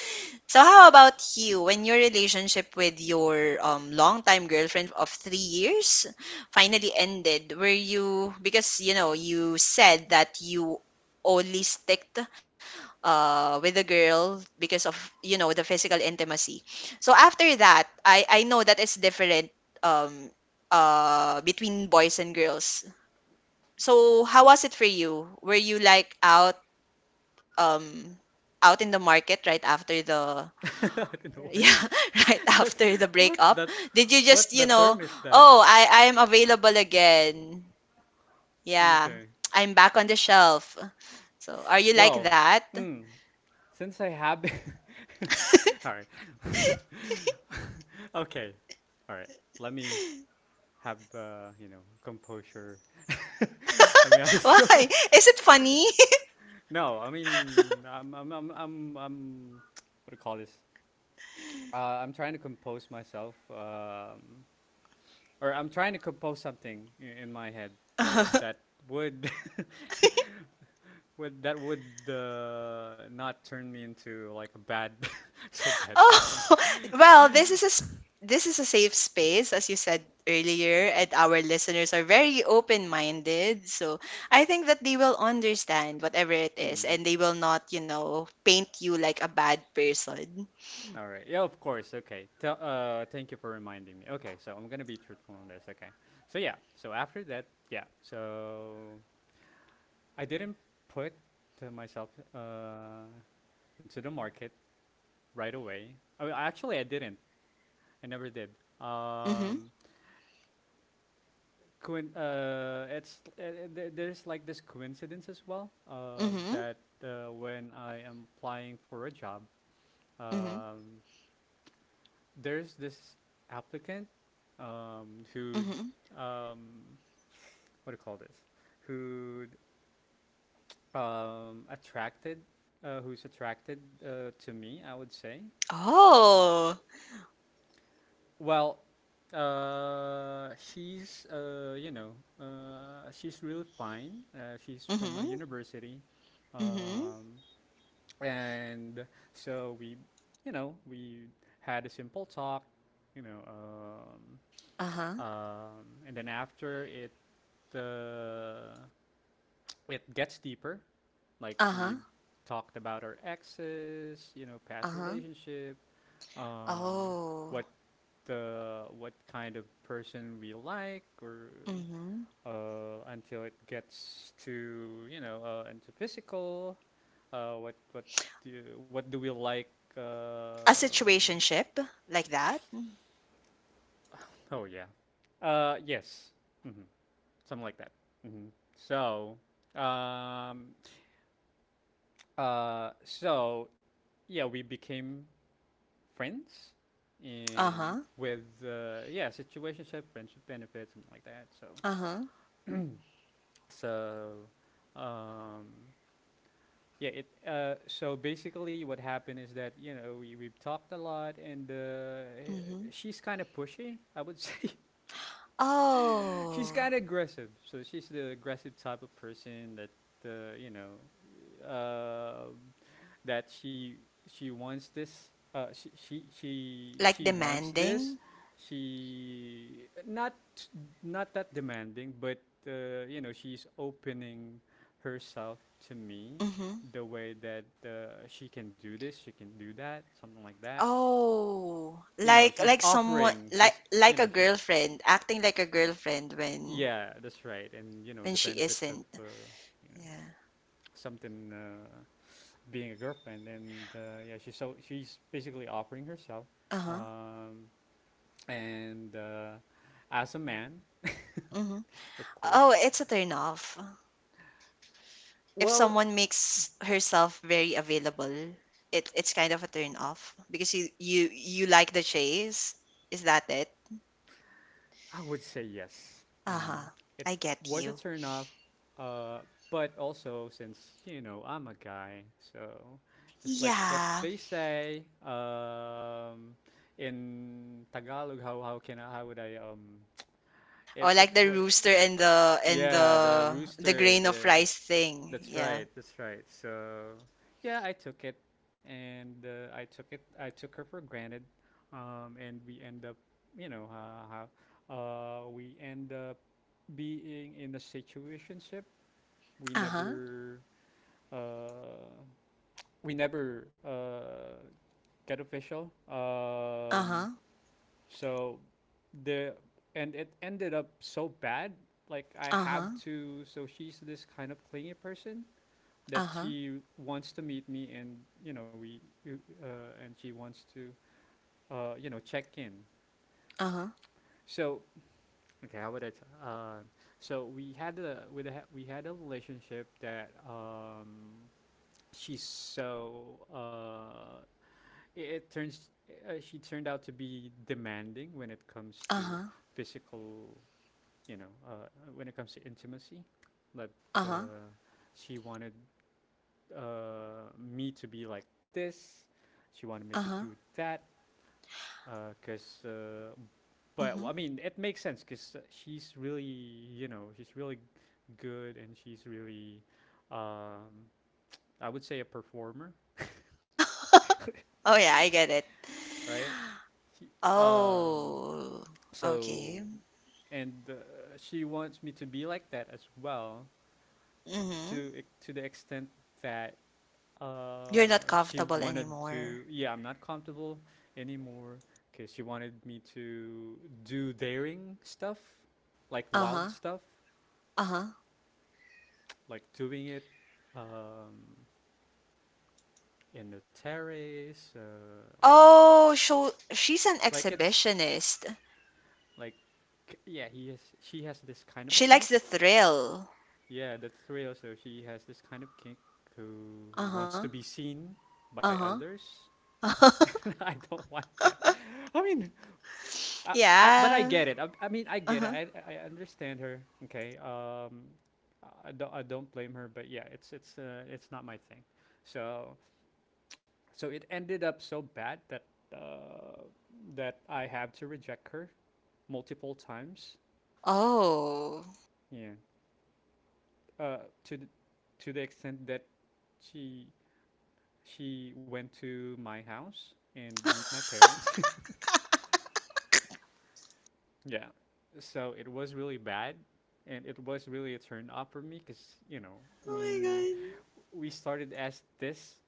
B: So how about you, when your relationship with your longtime girlfriend of 3 years finally ended? Were you, because, you said that you only sticked with a girl because of, the physical intimacy. So after that, I know that it's different, um between boys and girls. So how was it for you? Were you like um out in the market right after the
A: I didn't work.
B: yeah, right
A: what
B: after the
A: what
B: breakup.
A: that
B: Did you
A: what
B: just,
A: the term is that?
B: oh, I'm available again. Yeah,
A: Okay.
B: I'm back on the shelf. So, are you like
A: Well,
B: that?
A: mm, since I have all right. Okay. All right. Let me have, you know, composure. I mean, I was going.
B: Why? Is it funny?
A: No, I mean, I'm what do you call this? I'm trying to compose myself, or I'm trying to compose something in my head that would. Would, not turn me into like a bad, so bad person?
B: Oh, well, this is a safe space, as you said earlier, and our listeners are very open-minded. So I think that they will understand whatever it is,
A: Hmm.
B: and they will not, paint you like a bad person.
A: All right. Yeah, of course. Okay. Tell, thank you for reminding me. Okay, so I'm gonna be truthful on this. Okay. So yeah. So after that, yeah. So I didn't put myself into the market right away. I mean, actually, I didn't. I never did.
B: Mm-hmm.
A: Um, coin It's there's like this coincidence as well
B: Mm-hmm.
A: that when I am applying for a job,
B: Mm-hmm.
A: um there's this applicant who,
B: Mm-hmm.
A: um what do you call this, who attracted, who's attracted to me, I would say.
B: Oh.
A: Well, she's, you know, she's really fine. She's from a
B: Mm-hmm.
A: university,
B: Mm-hmm.
A: um, and so we, you know, we had a simple talk, you know,
B: Uh-huh.
A: and then after it, uh, it gets deeper. Like we
B: Uh-huh.
A: talked about our exes, you know, past
B: Uh-huh.
A: relationship, um,
B: Oh.
A: what the what kind of person we like or,
B: Mm-hmm.
A: until it gets to you know into physical, uh, what what what do we like,
B: A
A: um,
B: situationship like that.
A: oh yeah, yes, hmm, something like that. Hmm. So, um, so yeah we became friends, and
B: Uh-huh.
A: with, yeah, situationship, friendship benefits, something like that. so
B: Uh-huh.
A: so um yeah, it so basically what happened is that you know we, we've talked a lot, and
B: Mm-hmm.
A: she's kind of pushy, I would say. She's
B: Oh.
A: kind of aggressive. So she's the aggressive type of person that you know uh, that she wants this. Uh, she, she she
B: Like
A: she wants this.
B: demanding?
A: She not not that demanding, but you know she's opening herself to me
B: Mhm.
A: the way that she can do this, she can do that, something like that.
B: Oh,
A: You know,
B: like
A: she's
B: like someone
A: offering.
B: like
A: She's you
B: like a
A: know she's
B: girlfriend, acting like a girlfriend when
A: Yeah, that's right. And you know the
B: she
A: benefits of,
B: isn't.
A: you know,
B: Yeah.
A: something, being a girlfriend, and yeah, she's so she's basically offering herself,
B: Uh-huh.
A: um, and as a man,
B: Mhm.
A: of
B: Oh,
A: course.
B: it's a turn off. If
A: Well,
B: someone makes herself very available, it's kind of a turn off because you like the chase. Is that it?
A: I would say yes. Um,
B: Uh-huh.
A: it
B: I get
A: was a
B: you.
A: turn off, uh, but also since you know I'm a guy, so just like what
B: Yeah.
A: they say in Tagalog, how would I
B: Or
A: if
B: like the rooster and the and
A: yeah, the
B: the the
A: rooster,
B: grain of
A: the
B: rice thing.
A: that's
B: Yeah.
A: right. That's right. So, yeah, I took it, and I took it. I took her for granted, and we end up, you know, we end up being in a situationship. We
B: Uh-huh.
A: never, uh, we never get official.
B: Uh-huh,
A: So the and it ended up so bad. Like I have
B: uh-huh,
A: to. So she's this kind of clingy person that
B: uh-huh,
A: she wants to meet me and you know and she wants to you know check in,
B: uh-huh,
A: so okay how would I t- so we had we had a relationship that, she's so, it turns, she turned out to be demanding when it comes to
B: uh-huh,
A: physical, you know, when it comes to intimacy, but uh,
B: uh-huh,
A: she wanted me to be like this. She wanted me to do
B: uh-huh,
A: that. Because, but
B: mhm.
A: I mean, it makes sense. Cause she's really, you know, she's really good, and she's really, um, I would say, a performer,
B: Oh, yeah, I get it.
A: right? She, um,
B: Oh,
A: so,
B: okay.
A: and she wants me to be like that as well,
B: Mm-hmm.
A: to the extent that,
B: You're not comfortable
A: She wanted
B: anymore.
A: to, yeah, I'm not comfortable anymore because she wanted me to do daring stuff, like
B: Uh-huh,
A: wild stuff,
B: uh-huh.
A: like doing it, um, in the terrace, like
B: Oh, so she's an
A: like it's
B: exhibitionist.
A: like yeah, he has she has this kind of
B: She
A: kink.
B: likes the thrill.
A: Yeah, that's real. So she has this kind of kink who
B: Uh-huh,
A: wants to be seen by
B: uh-huh.
A: others. I don't want that. I mean, Uh, but I
B: Yeah.
A: get it. I mean, I get it.
B: Uh-huh.
A: I understand her. Okay. I don't blame her, but yeah, it's not my thing. So so it ended up so bad that uh, that I have to reject her multiple times.
B: Oh.
A: Yeah. Uh, to th- to the extent that she she went to my house and meet my parents. Yeah. So it was really bad, and it was really a turn off for me because, you know, I
B: Oh
A: mean,
B: my God.
A: we started as this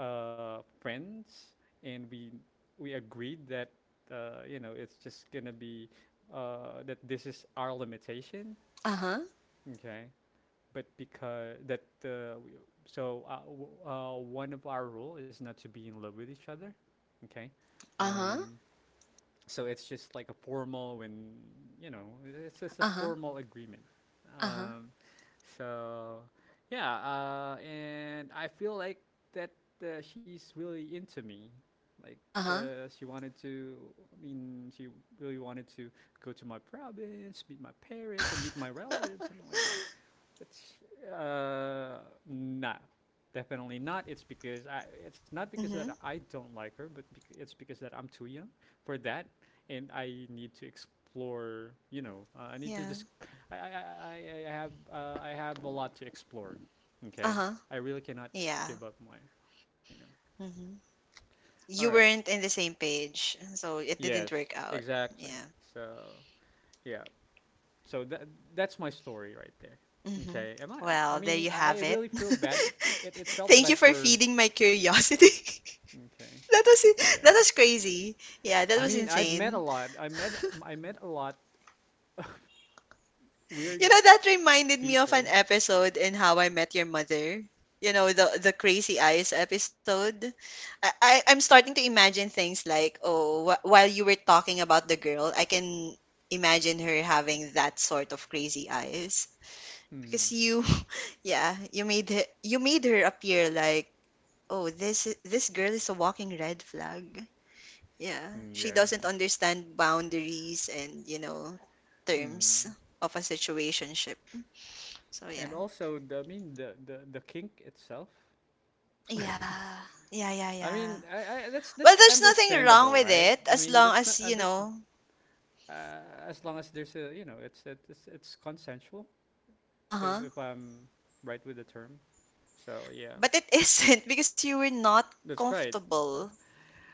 A: friends, and we agreed that you know it's just gonna be that this is our limitation,
B: Uh-huh.
A: okay? But because that we- so w- One of our rule is not to be in love with each other, okay?
B: Uh-huh.
A: Um, so it's just like a formal, when you know it's just a
B: Uh-huh.
A: formal agreement.
B: Uh-huh.
A: Um, so yeah, and I feel like that she's really into me. Like
B: Uh-huh.
A: she wanted to. I mean, she really wanted to go to my province, meet my parents, or meet my relatives, something like that. But nah, definitely not. It's because I. It's not because
B: Mm-hmm.
A: that I don't like her, but it's because that I'm too young for that, and I need to explore. You know, I need to
B: Yeah.
A: just. I, I, I, I have a lot to explore. Okay,
B: Uh-huh.
A: I really cannot
B: Yeah.
A: give up my. You know.
B: Mm-hmm. You
A: All right.
B: weren't in the same page, so it didn't
A: Yes.
B: work out.
A: Exactly.
B: Yeah.
A: So yeah. So that's my story right there.
B: Hmm.
A: Okay. Am I? I
B: Well, there
A: mean,
B: you
A: I
B: have it.
A: really feel bad. It felt
B: Thank you
A: bad
B: for
A: for.
B: feeding my curiosity.
A: Okay.
B: That
A: Yeah.
B: was crazy. Yeah, that
A: I
B: was
A: mean, I've met a
B: insane.
A: lot. I met a lot of
B: You
A: weird
B: know, that reminded me of an
A: people.
B: episode in How I Met Your Mother. You know, the crazy eyes episode. I'm starting to imagine things like, oh, while you were talking about the girl, I can imagine her having that sort of crazy eyes. Because
A: Mm.
B: you, yeah, you made her appear like, oh, this girl is a walking red flag. Yeah,
A: Mm,
B: she
A: yeah.
B: doesn't understand boundaries and, terms
A: Hmm.
B: of a situationship. So yeah.
A: And also, I mean, the kink itself.
B: Yeah. Yeah, yeah,
A: I
B: yeah.
A: mean, I that's
B: Well,
A: that's
B: there's nothing wrong
A: understandable,
B: with
A: right?
B: it,
A: I
B: as
A: mean,
B: long
A: that's not
B: as, you
A: that's
B: know.
A: uh, as long as there's a, you know, it's consensual.
B: Uh-huh.
A: If I'm right with the term, so yeah,
B: But it isn't because you were not
A: that's right. Uh,
B: comfortable.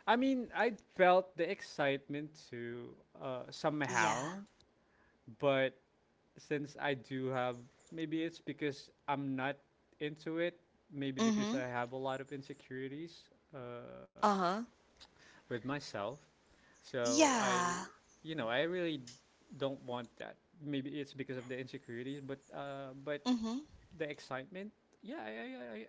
A: I mean, I felt the excitement too,
B: Yeah.
A: somehow, but since I do have, maybe it's because I'm not into it. Maybe because
B: Mm-hmm.
A: I have a lot of insecurities
B: Uh-huh.
A: with myself. So I,
B: Yeah.
A: you know, I really don't want that. Maybe it's because of the insecurities, but but
B: Mm-hmm.
A: the excitement, yeah,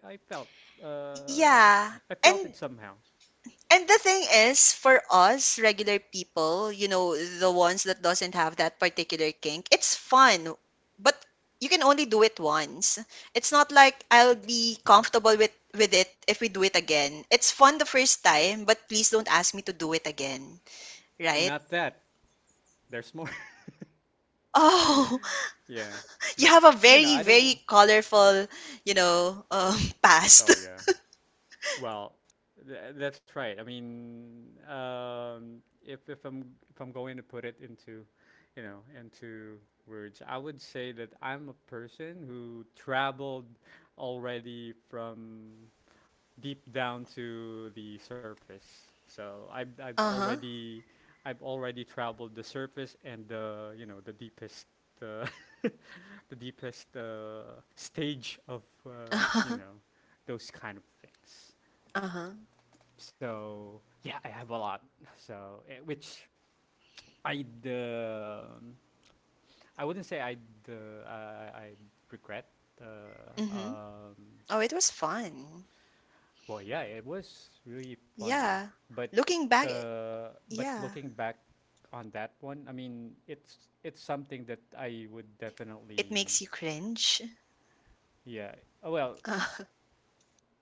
A: I, I, I felt uh,
B: Yeah.
A: I felt
B: And
A: it somehow.
B: And the thing is, for us regular people, the ones that doesn't have that particular kink, it's fun, but you can only do it once. It's not like I'll be
A: Yeah,
B: comfortable with it if we do it again. It's fun the first time, but please don't ask me to do it again,
A: and
B: right?
A: not that there's more.
B: Oh,
A: yeah,
B: you
A: but
B: have a
A: you know,
B: very,
A: I
B: very
A: don't.
B: colorful, past.
A: Oh yeah. Well, that's right. I mean, if if I'm if I'm going to put it into words, I would say that I'm a person who traveled already from deep down to the surface. So I've I've
B: Uh-huh.
A: already I've already traveled the surface and the you know the deepest. Uh, the deepest stage of
B: Uh-huh.
A: those kind of things.
B: Uh-huh.
A: So yeah, I have a lot. So which I um I wouldn't say uh, I I'd regret. Uh,
B: Hmm.
A: um,
B: Oh, it was fun.
A: well, yeah, it was really fun,
B: Yeah.
A: but
B: Looking back,
A: but
B: yeah.
A: looking back on that one, I mean, it's something that I would
B: It it makes
A: definitely,
B: you cringe?
A: yeah. Uh, well,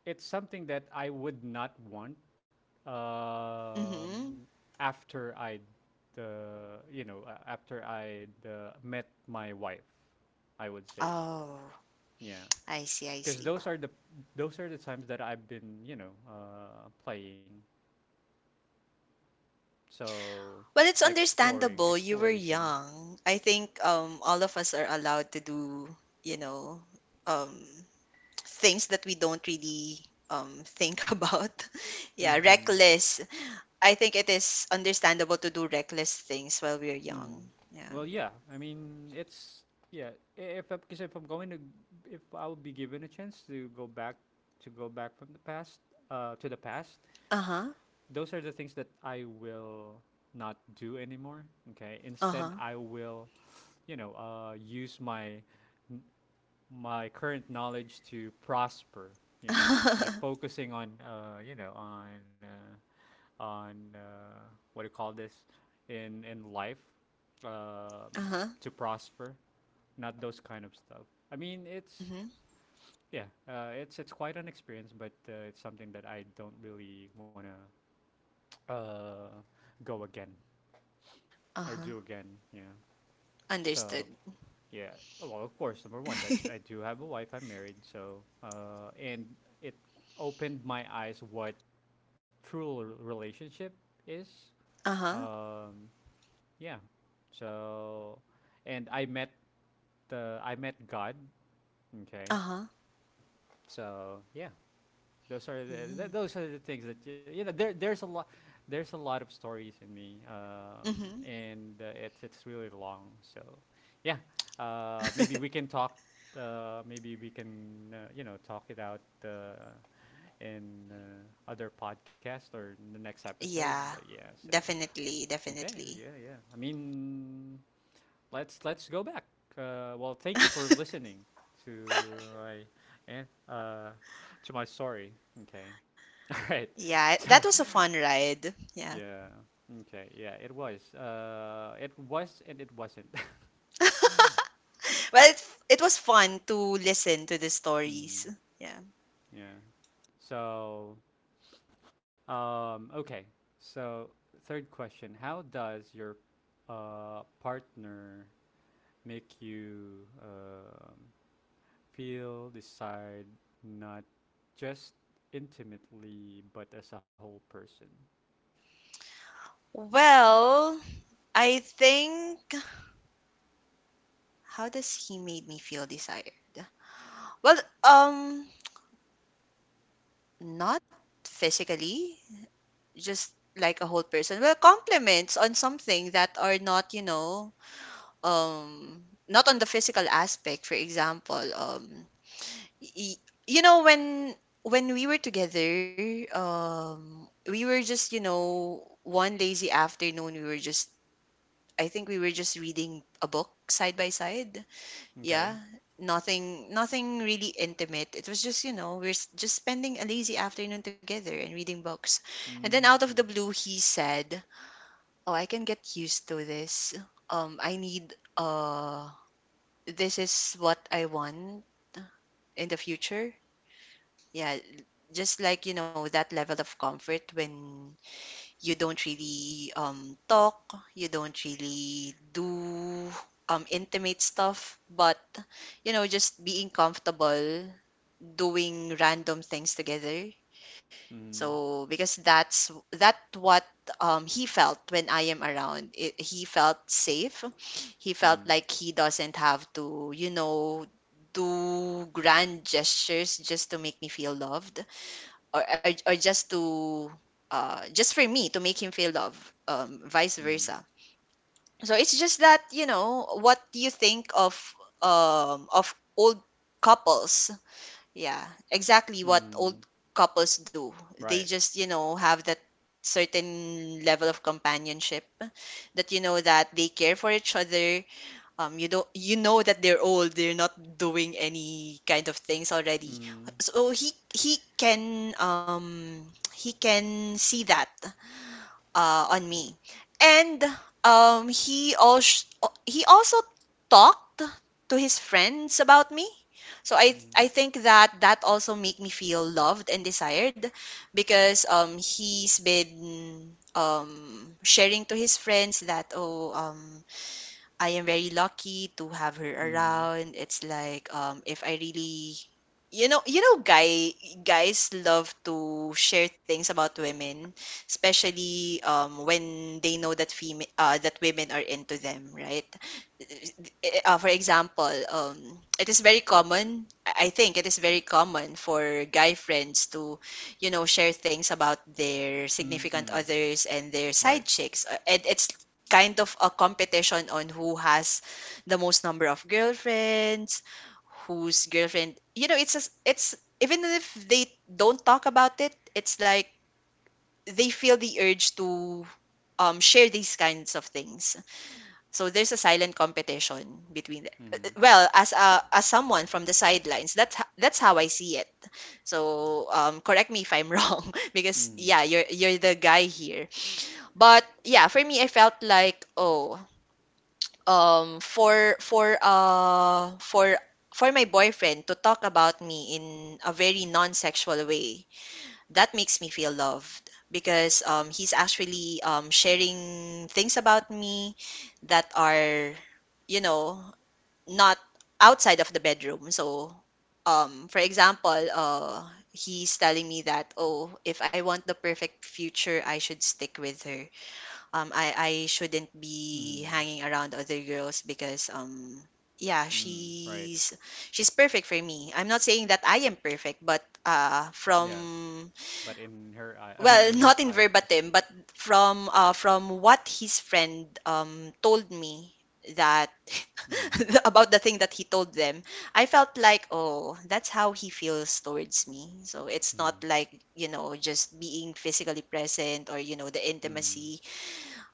A: it's something that I would not want, um,
B: Mhm.
A: after I, after I met my wife. I would say,
B: Oh,
A: yeah,
B: I see, I
A: because
B: see.
A: those are the times that I've been, playing. So
B: Well, it's
A: like exploring,
B: understandable. You were
A: exploration.
B: young. I think all of us are allowed to do, you know, um things that we don't really think about. Yeah,
A: Mm-hmm.
B: reckless. I think it is understandable to do reckless things while we're
A: Mm.
B: young. Yeah.
A: Well, yeah. I mean, it's, yeah. i- If because if I'm going to, if I'll be given a chance to go back, to go back from the past, to the past,
B: Uh-huh.
A: those are the things that I will not do anymore. Okay. Instead,
B: Uh-huh.
A: I will, use my n- my current knowledge to prosper. Like focusing on, on. On what do you call this in life, um,
B: Uh-huh.
A: to prosper. Not those kind of stuff. I mean, it's,
B: Mm-hmm.
A: yeah, it's quite an experience, but it's something that I don't really wanna, uh, go again or
B: Uh-huh.
A: do again. Yeah. So
B: Understood.
A: yeah. Oh, well, of course, number one, I do have a wife. I'm married, so and it opened my eyes what true relationship is.
B: Uh-huh.
A: Um, Yeah. So, and I met God. Okay.
B: Uh-huh.
A: So yeah, those are
B: Mm-hmm.
A: those are the things that you know. There's a lot of stories in me, and it's really long. So yeah, maybe we can talk. Maybe we can talk it out in other podcast or in the next episode. But
B: Yeah,
A: yeah, so
B: definitely,
A: okay,
B: definitely.
A: yeah, yeah. I mean, let's go back. Well, thank you for listening to eh, uh, my story. Okay. All right.
B: Yeah, that
A: So
B: was a fun ride. Yeah.
A: yeah. Okay. Yeah. It was. It was and it wasn't.
B: Well, it was fun to listen to the stories.
A: Mm,
B: Yeah.
A: yeah. So, okay. So, third question: How does your partner make you, feel decide, not just intimately but as a whole person.
B: Well, I think how does he made me feel desired? Well, um, not physically, just like a whole person. Well, compliments on something that are not, not on the physical aspect. For example, y- you know when we were together, we were just, one lazy afternoon we were just I think we were just reading a book side by side, yeah.
A: Okay?
B: Nothing, really intimate. It was just, just spending a lazy afternoon together and reading books. And then out of
A: Mm.
B: the blue he said, oh, I can get used to this, I need this is what I want in the future. Yeah, just like, that level of comfort when you don't really talk, you don't really do intimate stuff, but, just being comfortable doing random things together.
A: Mm.
B: So because that's that what he felt when I am around. He felt safe. He felt
A: Mm.
B: like he doesn't have to, do grand gestures just to make me feel loved, or just for me to make him feel love, vice
A: Mm.
B: versa. So it's just that, what you think of old couples. Yeah, exactly what old
A: Mm.
B: couples do. They
A: Right.
B: just, have that certain level of companionship, that you know that they care for each other. You don't, you know that they're old, they're not doing any kind of things already.
A: Mm.
B: So he can see that on me. And um he also he also talked to his friends about me. So i
A: Mm.
B: i think that that also make me feel loved and desired because he's been sharing to his friends that, oh, I am very lucky to have her
A: Mm.
B: around. It's like, if I really you know you know guy guys love to share things about women, especially when they know that fem that women are into them, right? For example, it is very common. I think it is very common for guy friends to, share things about their significant
A: Mm.
B: others and their
A: Right.
B: side chicks. And it's kind of a competition on who has the most number of girlfriends, whose girlfriend. You know, it's, even if they don't talk about it, it's like they feel the urge to, share these kinds of things. So there's a silent competition between the,
A: Mm.
B: well, as someone from the sidelines, that's that's how I see it. So, correct me if I'm wrong because
A: Mm.
B: yeah, you're the guy here. But yeah, for me, I felt like, oh, um, for for uh for for my boyfriend to talk about me in a very non-sexual way, that makes me feel loved because he's actually sharing things about me that are, you know not outside of the bedroom. So, for example, he's telling me that, oh, if I want the perfect future, I should stick with her. I shouldn't be
A: Mm.
B: hanging around other girls because, yeah,
A: Mm. Right.
B: she's perfect for me. I'm not saying that I am perfect, but,
A: Yeah.
B: from
A: But in her eye, I mean
B: well,
A: in
B: not
A: his
B: in
A: eyes.
B: verbatim, but from what his friend, told me that
A: Mm.
B: about the thing that he told them, I felt like, oh, that's how he feels towards me. So it's not
A: Mm.
B: like just being physically present or the
A: Mm.
B: intimacy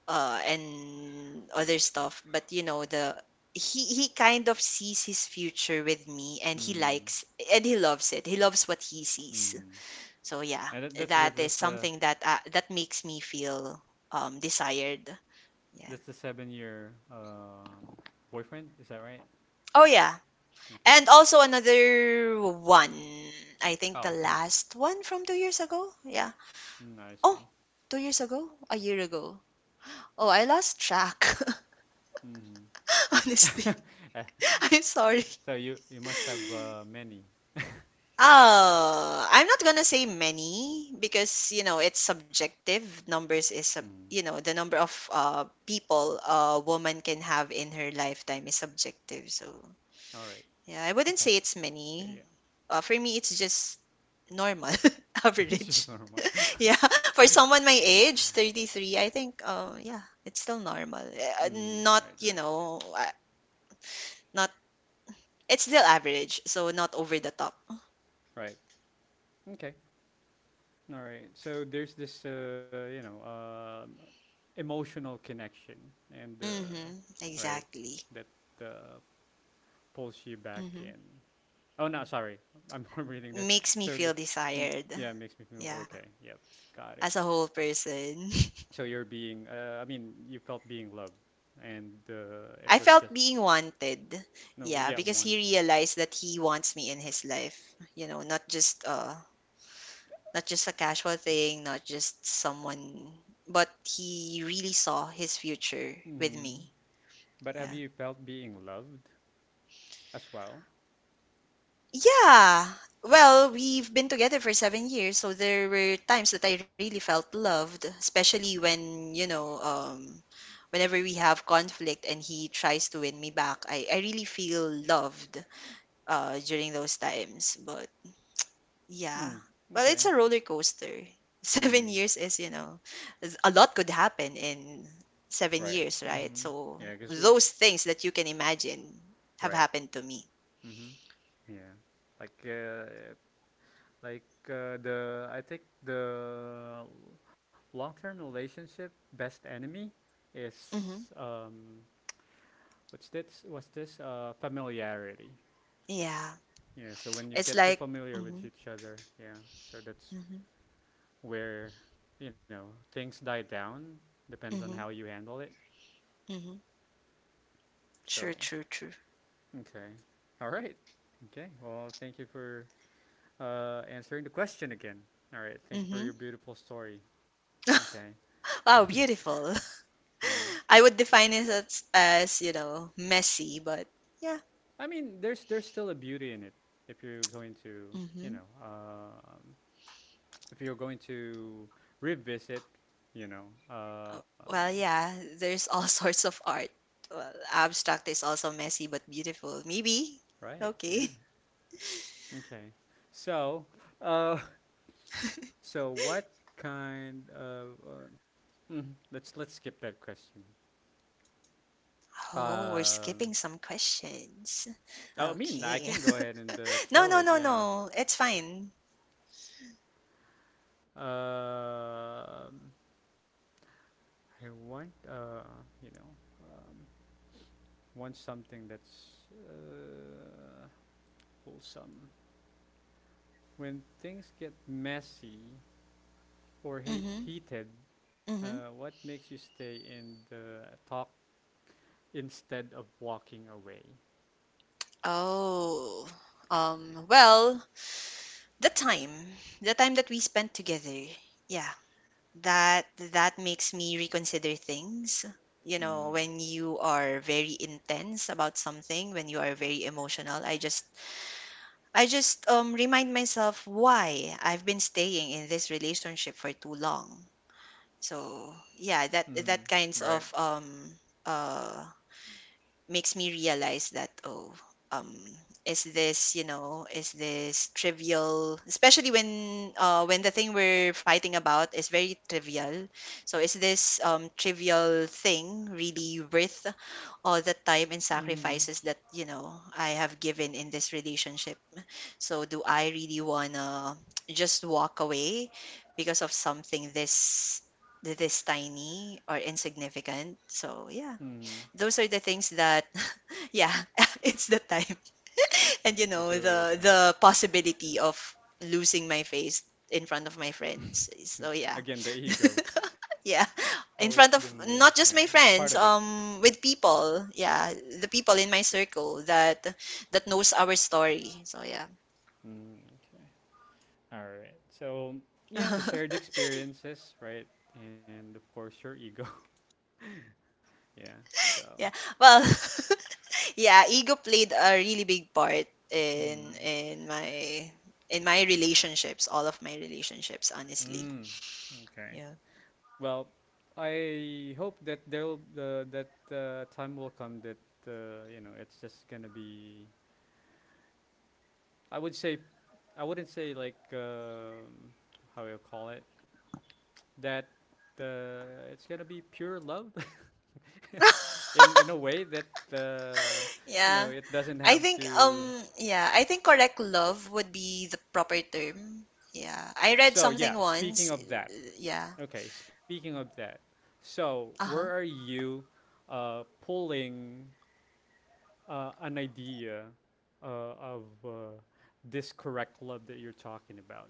B: and other stuff, but you know the he kind of sees his future with me and he
A: Mm.
B: likes and he loves it. He loves what he sees.
A: Mm.
B: So yeah,
A: And that, that's that's
B: that is
A: that's the
B: something that that makes me feel desired. Yeah.
A: that's the 7-year boyfriend, is that right?
B: Oh yeah.
A: Okay.
B: And also another one. I think the
A: Oh, okay.
B: last one from 2 years ago. Yeah.
A: Mm, I
B: Oh,
A: see.
B: 2 years ago? A year ago. Oh, I lost track.
A: Mm-hmm.
B: Honestly. I'm sorry.
A: So you must have, many.
B: I'm not gonna say many because you know it's subjective. Numbers is sub
A: Mm.
B: You know the number of people a woman can have in her lifetime is subjective. So
A: All right.
B: yeah, I wouldn't
A: Okay.
B: say it's
A: Yeah,
B: many.
A: yeah.
B: For me, it's just normal,
A: It's
B: average.
A: just normal.
B: Yeah, for someone my age, 33, I think. Yeah, it's still normal.
A: Mm,
B: Not
A: right,
B: you
A: right,
B: know, not It's still average. So not over the top.
A: right. Okay. All right. So there's this, emotional connection, and
B: Mm-hmm.
A: right,
B: Exactly.
A: that uh, pulls you back in.
B: Mm-hmm.
A: Oh no, sorry. I'm reading that.
B: Makes me
A: So,
B: feel desired.
A: yeah, makes me feel
B: Yeah.
A: okay. Yep. Got,
B: As a whole person.
A: so you're being, I mean you felt being loved and, it
B: I
A: was
B: felt
A: just,
B: being wanted.
A: no,
B: Yeah,
A: yeah,
B: because he
A: wanted.
B: realized that he wants me in his life. You know, not just not just a casual thing, not just someone, but he really saw his future with
A: Mm.
B: me.
A: But have
B: Yeah.
A: you felt being loved as well?
B: Yeah. Well, we've been together for 7 years, so there were times that I really felt loved, especially when, you know, whenever we have conflict and he tries to win me back, I really feel loved during those times. But yeah,
A: Hmm.
B: well, it's
A: Okay.
B: a roller coaster. Seven
A: Mm.
B: years is, you know, a lot could happen in seven
A: Right.
B: years, right?
A: Mm.
B: So
A: Yeah, because we,
B: those things that you can imagine have
A: right.
B: happened to me.
A: Mm-hmm. Yeah. Like, the I think the long-term relationship best enemy
B: Hmm.
A: is, what's this familiarity.
B: Yeah,
A: Yeah, so when you
B: it's
A: get too
B: like,
A: familiar with
B: hmm.
A: each other, yeah, so that's
B: Hmm.
A: where, you know, things die down. Depends on how
B: Hmm.
A: you handle it.
B: Hmm. True,
A: So,
B: true, true.
A: okay. All right. Okay. Well, thank you for, answering the question again. All right. Thank you for
B: Hmm.
A: your beautiful story. Okay.
B: Wow, beautiful.
A: Yeah.
B: I would define it as you know, messy, but yeah.
A: I mean, there's still a beauty in it if you're going to, you
B: Hmm.
A: know, if you're going to, revisit, you know, um,
B: Well, yeah, there's all sorts of art. Well, abstract is also messy but beautiful. Maybe.
A: right. Yeah.
B: Okay.
A: Okay. So, uh, so what kind of? Let's skip that question.
B: Oh, we're
A: Um,
B: skipping some questions.
A: I mean, I
B: Okay.
A: can go ahead and,
B: No,
A: throw
B: no,
A: it.
B: no,
A: Yeah.
B: no. It's fine.
A: Um, I want, uh, you know, um, want something that's, wholesome. When things get messy or
B: Mm-hmm.
A: heated,
B: Mm-hmm.
A: what makes you stay in the talk instead of walking away?
B: Oh. Well, the time. The time that we spent together. Yeah. That that makes me reconsider things. You know,
A: Mm.
B: when you are very intense about something, when you are very emotional, I just remind myself why I've been staying in this relationship for too long. So, yeah, that
A: Mm.
B: that kinds
A: Right.
B: of uh makes me realize that oh, um is this is this trivial, especially when the thing we're fighting about is very trivial, so is this trivial thing really worth all the time and
A: Mm.
B: sacrifices that you know I have given in this relationship, so do I really wanna just walk away because of something this tiny or insignificant, so yeah,
A: Mm.
B: those are the things that yeah it's the time and you
A: It's
B: know
A: really the
B: the
A: time.
B: the possibility of losing my face in front of my friends, so yeah.
A: Again, the ego.
B: Yeah, in
A: Always
B: front of
A: been there.
B: not
A: Yeah.
B: just my
A: Part
B: friends,
A: of it.
B: with people, yeah, the people in my circle that knows our story, so yeah.
A: Mm. Okay. All right. So, yeah, the shared experiences, right? And of course, your ego. Yeah.
B: Yeah.
A: So,
B: Well, yeah, ego played a really big part in
A: mm.
B: in my in my relationships, all of my relationships, honestly.
A: Mm.
B: Yeah.
A: Okay. Well, I hope that there'll, that time will come that, it's just gonna be, I would say, I wouldn't say like, how you call it, that, it's gonna be pure love in a way that, you know
B: Yeah.
A: it doesn't
B: I
A: have
B: think
A: to.
B: yeah, I think correct love would be the proper term. Yeah. I read
A: So
B: something
A: yeah, speaking
B: once.
A: of that,
B: Yeah.
A: okay, so where
B: Uh-huh.
A: are you, pulling, an idea, of, this correct love that you're talking about,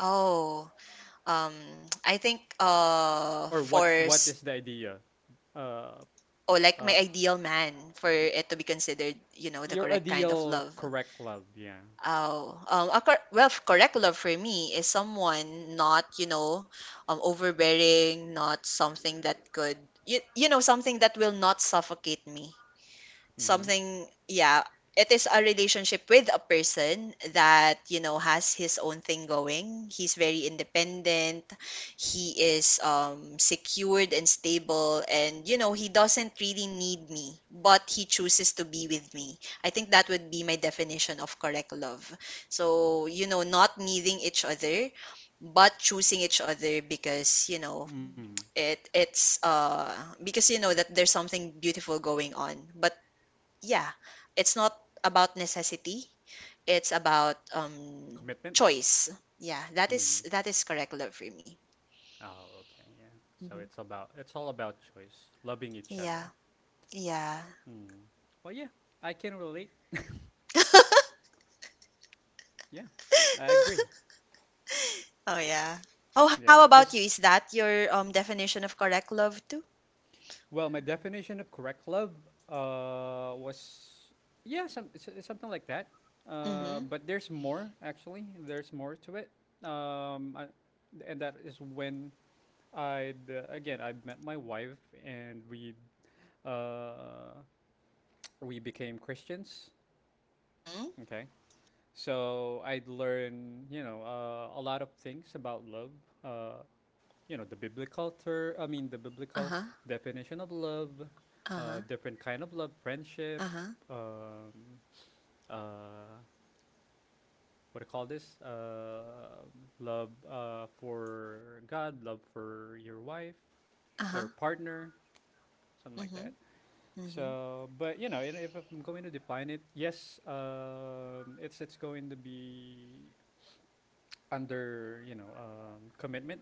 B: Oh. Um I think
A: or what
B: for
A: what is
B: s-
A: the idea? Uh,
B: Oh, like my
A: uh,
B: ideal man for it to be considered, you know, the
A: Your
B: correct kind of
A: ideal
B: love.
A: correct love, yeah.
B: Oh, a cor- well, f- correct love for me is someone not, you know, overbearing, not something that could, you know, something that will not suffocate me,
A: Mm-hmm.
B: something, yeah. It is a relationship with a person that you know has his own thing going. He's very independent. He is secured and stable and you know he doesn't really need me but he chooses to be with me. I think that would be my definition of correct love. So you know not needing each other but choosing each other, because you know
A: Mm.
B: it it's because you know that there's something beautiful going on, but yeah, it's not about necessity. It's about
A: Commitment.
B: choice. Yeah, that is
A: Mm.
B: that is correct love for me.
A: Oh, okay, yeah. So
B: Hmm.
A: it's all about choice, loving each
B: Yeah,
A: other.
B: yeah.
A: Mm. Well, yeah, I can relate. Yeah, I agree.
B: Oh yeah. Oh,
A: Yeah,
B: how about you?
A: because,
B: Is that your definition of correct love too?
A: well, my definition of correct love, was, yeah, some something like that.
B: Mm-hmm.
A: But there's more actually. There's more to it. Um, I, and that is when I'd again I met my wife, and uh, we became Christians.
B: Mm-hmm.
A: Okay. So I'd learn, a lot of things about love. Uh, the biblical I mean, the biblical
B: Uh-huh.
A: definition of love,
B: Uh-huh.
A: different kind of love, friendship,
B: Uh-huh.
A: um, uh, what do you call this? Love, for God, love for your wife or
B: Uh-huh.
A: partner, something like
B: Mm-hmm.
A: that.
B: Mm-hmm.
A: So, but if I'm going to define it, yes, it's going to be under, commitment.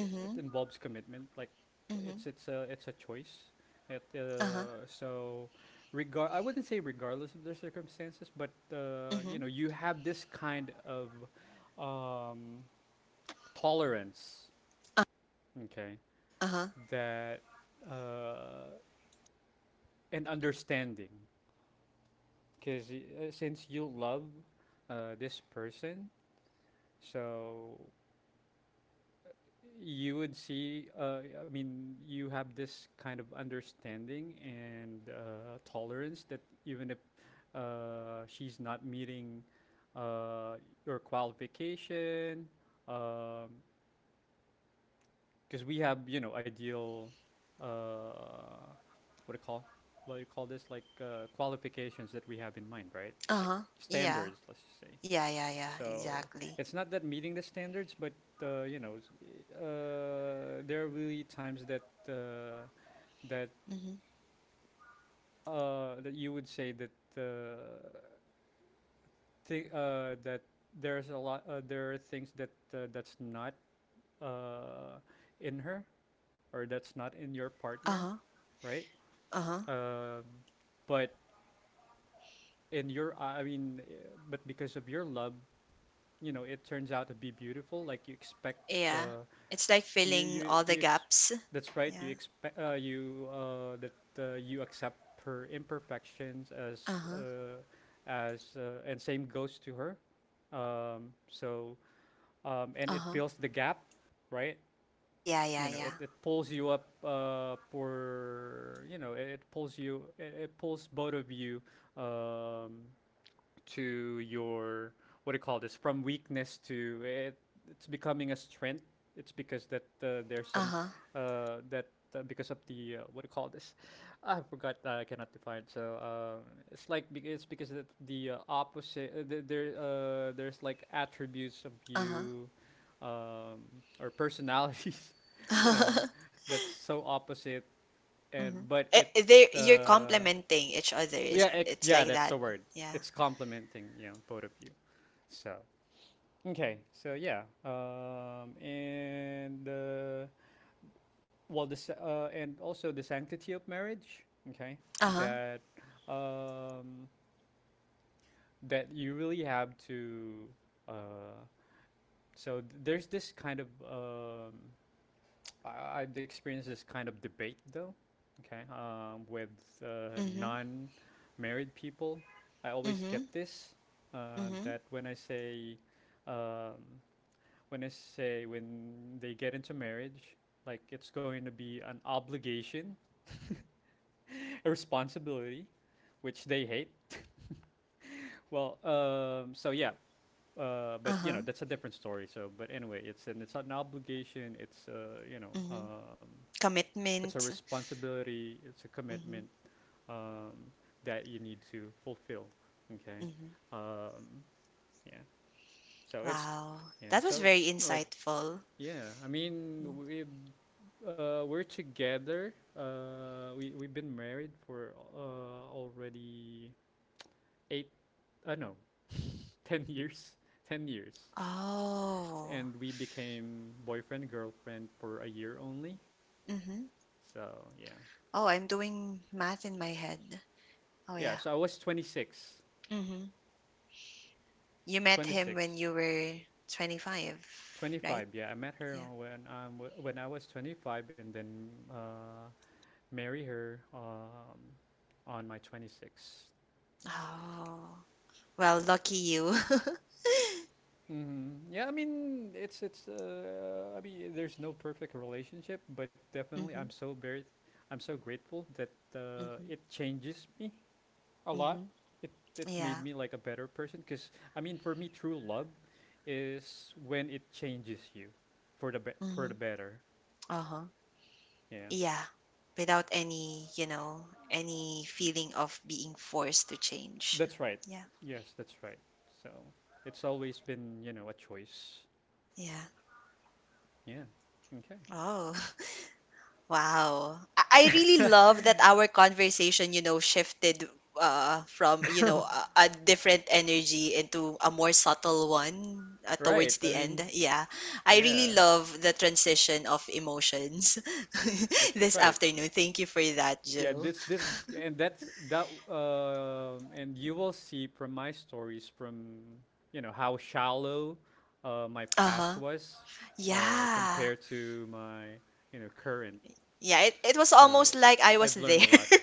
A: It
B: Mm-hmm.
A: involves commitment. Like
B: Mm-hmm.
A: it's a choice. It,
B: Uh-huh.
A: so regard. I wouldn't say regardless of the circumstances, but,
B: Mm-hmm.
A: you have this kind of, um, tolerance, okay,
B: Uh-huh.
A: that, uh, and understanding because, since you love, this person, so you would see. I mean, you have this kind of understanding and, tolerance, that even if, she's not meeting, uh, your qualification, because we have, ideal. Uh, what do you call? What do you call this? Like, qualifications that we have in mind, right? Like
B: Uh-huh. Yeah.
A: standards, let's just say.
B: Yeah, yeah, yeah.
A: So
B: Exactly.
A: it's not that meeting the standards, but, uh, you know, there are really times that, uh, that
B: Mm-hmm.
A: that you would say that, uh, that there's a lot, there are things that, that's not, uh, in her, or that's not in your partner,
B: Uh-huh.
A: right?
B: Uh-huh.
A: Um, but in your, I mean, but because of your love, you know, it turns out to be beautiful, like you expect.
B: Yeah.
A: Uh,
B: It's like
A: you,
B: filling all the gaps.
A: that's right, you
B: Yeah.
A: expect, you that, you accept her imperfections as,
B: Uh-huh.
A: and same goes to her, so, and it
B: Uh-huh.
A: fills the gap, right?
B: Yeah,
A: You
B: yeah,
A: know
B: yeah.
A: it pulls you up, for, you know it pulls both of you, um, to your, what do you call this, from weakness to, it's becoming a strength. It's because that, there's some,
B: Uh-huh.
A: that because of the, what do you call this, I forgot, I cannot define, so, it's like it's because that the, opposite, there's like attributes of
B: Uh-huh.
A: you, um, or personalities you know that's so opposite, and
B: Hmm,
A: but it
B: they, you're
A: uh,
B: complementing each other.
A: yeah,
B: It's,
A: it,
B: it's
A: yeah,
B: like
A: that's
B: that.
A: the word.
B: Yeah.
A: It's complementing, you know, both of you. So, okay, so yeah, and, well, this, and also the sanctity of marriage. Okay,
B: Uh-huh.
A: that, um, that you really have to. Uh, so there's this kind of, I, I've experienced this kind of debate though, okay, with,
B: Mm-hmm.
A: non-married people. I always get
B: Mm-hmm.
A: this,
B: Mm-hmm.
A: that when I say, um, when I say when they get into marriage, like it's going to be an obligation, a responsibility, which they hate. Well, so yeah, but you
B: Uh-huh.
A: know that's a different story. So, but anyway, it's an, it's an obligation. It's,
B: Mm-hmm.
A: it's a
B: Commitment.
A: responsibility, it's a
B: Mm-hmm.
A: commitment, um, that you need to fulfill. Okay,
B: Mm-hmm.
A: um, yeah. So it's,
B: Wow.
A: yeah.
B: That was
A: So
B: very
A: it's something like,
B: insightful.
A: yeah. I mean, we, we're together. We, we've been married for, already 8. No, 10 years. 10 years,
B: Oh.
A: and we became boyfriend girlfriend for a year only.
B: Mm-hmm.
A: So yeah,
B: Oh, I'm doing math in my head. Oh
A: yeah.
B: yeah.
A: So I was 26.
B: Mm-hmm. You met him when
A: 26,
B: you were 25, right?
A: 25. Yeah, I met her,
B: Yeah.
A: when, when I was 25, and then, marry her, on my 26th.
B: Oh, well, lucky you.
A: Mm-hmm. Yeah, I mean it's, I mean there's no perfect relationship, but definitely I'm
B: Mhm,
A: so very, I'm so grateful that, it changes me a lot.
B: mhm.
A: It made
B: Yeah.
A: me like a better person because, I mean, for me true love is when it changes you for the for the
B: Mhm.
A: better.
B: Uh-huh.
A: Yeah.
B: Yeah. Without any, you know, any feeling of being forced to change.
A: That's right.
B: Yeah.
A: Yes, that's right. So it's always been, you know, a choice.
B: Yeah.
A: Yeah. Okay.
B: Oh. Wow. I really love that our conversation, you know, shifted from, you know, a different energy into a more subtle one
A: Right.
B: towards
A: I
B: the end.
A: mean,
B: Yeah. I really
A: yeah.
B: love the transition of emotions
A: That's
B: this
A: right.
B: afternoon. Thank you for that,
A: Yeah,
B: Joe.
A: this, and that's that, and you will see from my stories from, you know, how shallow, my past
B: Uh-huh.
A: was,
B: Yeah.
A: compared to my, you know, current.
B: Yeah, it was
A: So
B: almost like I
A: I've
B: was
A: learned a
B: there.
A: lot.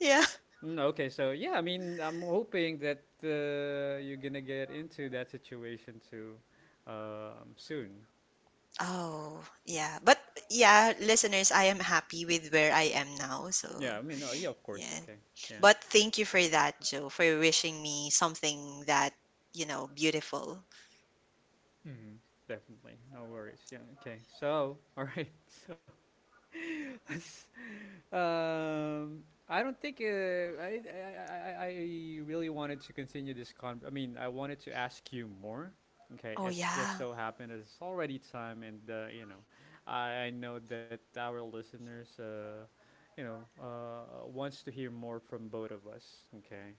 B: Yeah.
A: Mm, okay, so yeah, I mean, I'm hoping that, you're gonna get into that situation too, soon.
B: Oh, yeah. But yeah, listeners, I am happy with where I am now.
A: Yeah,
B: So,
A: I mean, yeah, of course.
B: yeah.
A: Okay, yeah,
B: But thank you for that, Joe, for wishing me something that, you know, beautiful.
A: hmm, definitely, no worries. Yeah, okay. So, all right, so um, I don't think, I really wanted to continue this con. I mean, I wanted to ask you more. Okay,
B: Oh,
A: it's just
B: yeah.
A: so happened that it's already time, and, you know, I know that our listeners, wants to hear more from both of us. Okay,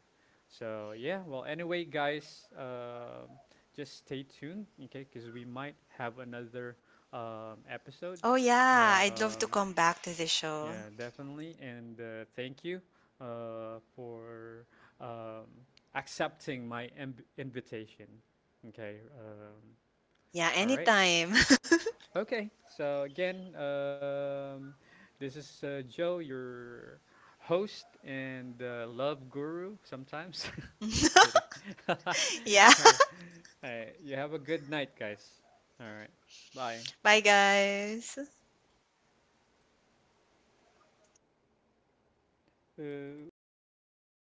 A: so yeah. Well, anyway, guys, just stay tuned. Okay, because we might have another,
B: Oh,
A: episode.
B: yeah. I'd love to
A: Um,
B: come back to the show.
A: yeah, definitely. And, thank you, for, um, accepting my invitation. Okay.
B: Yeah,
A: All right.
B: anytime.
A: Okay. So, again, this is, Joe, your host and, love guru sometimes. Just kidding. All
B: Yeah.
A: right. All right. You have a good night, guys. All right. Bye.
B: Bye, guys.
A: Uh, okay.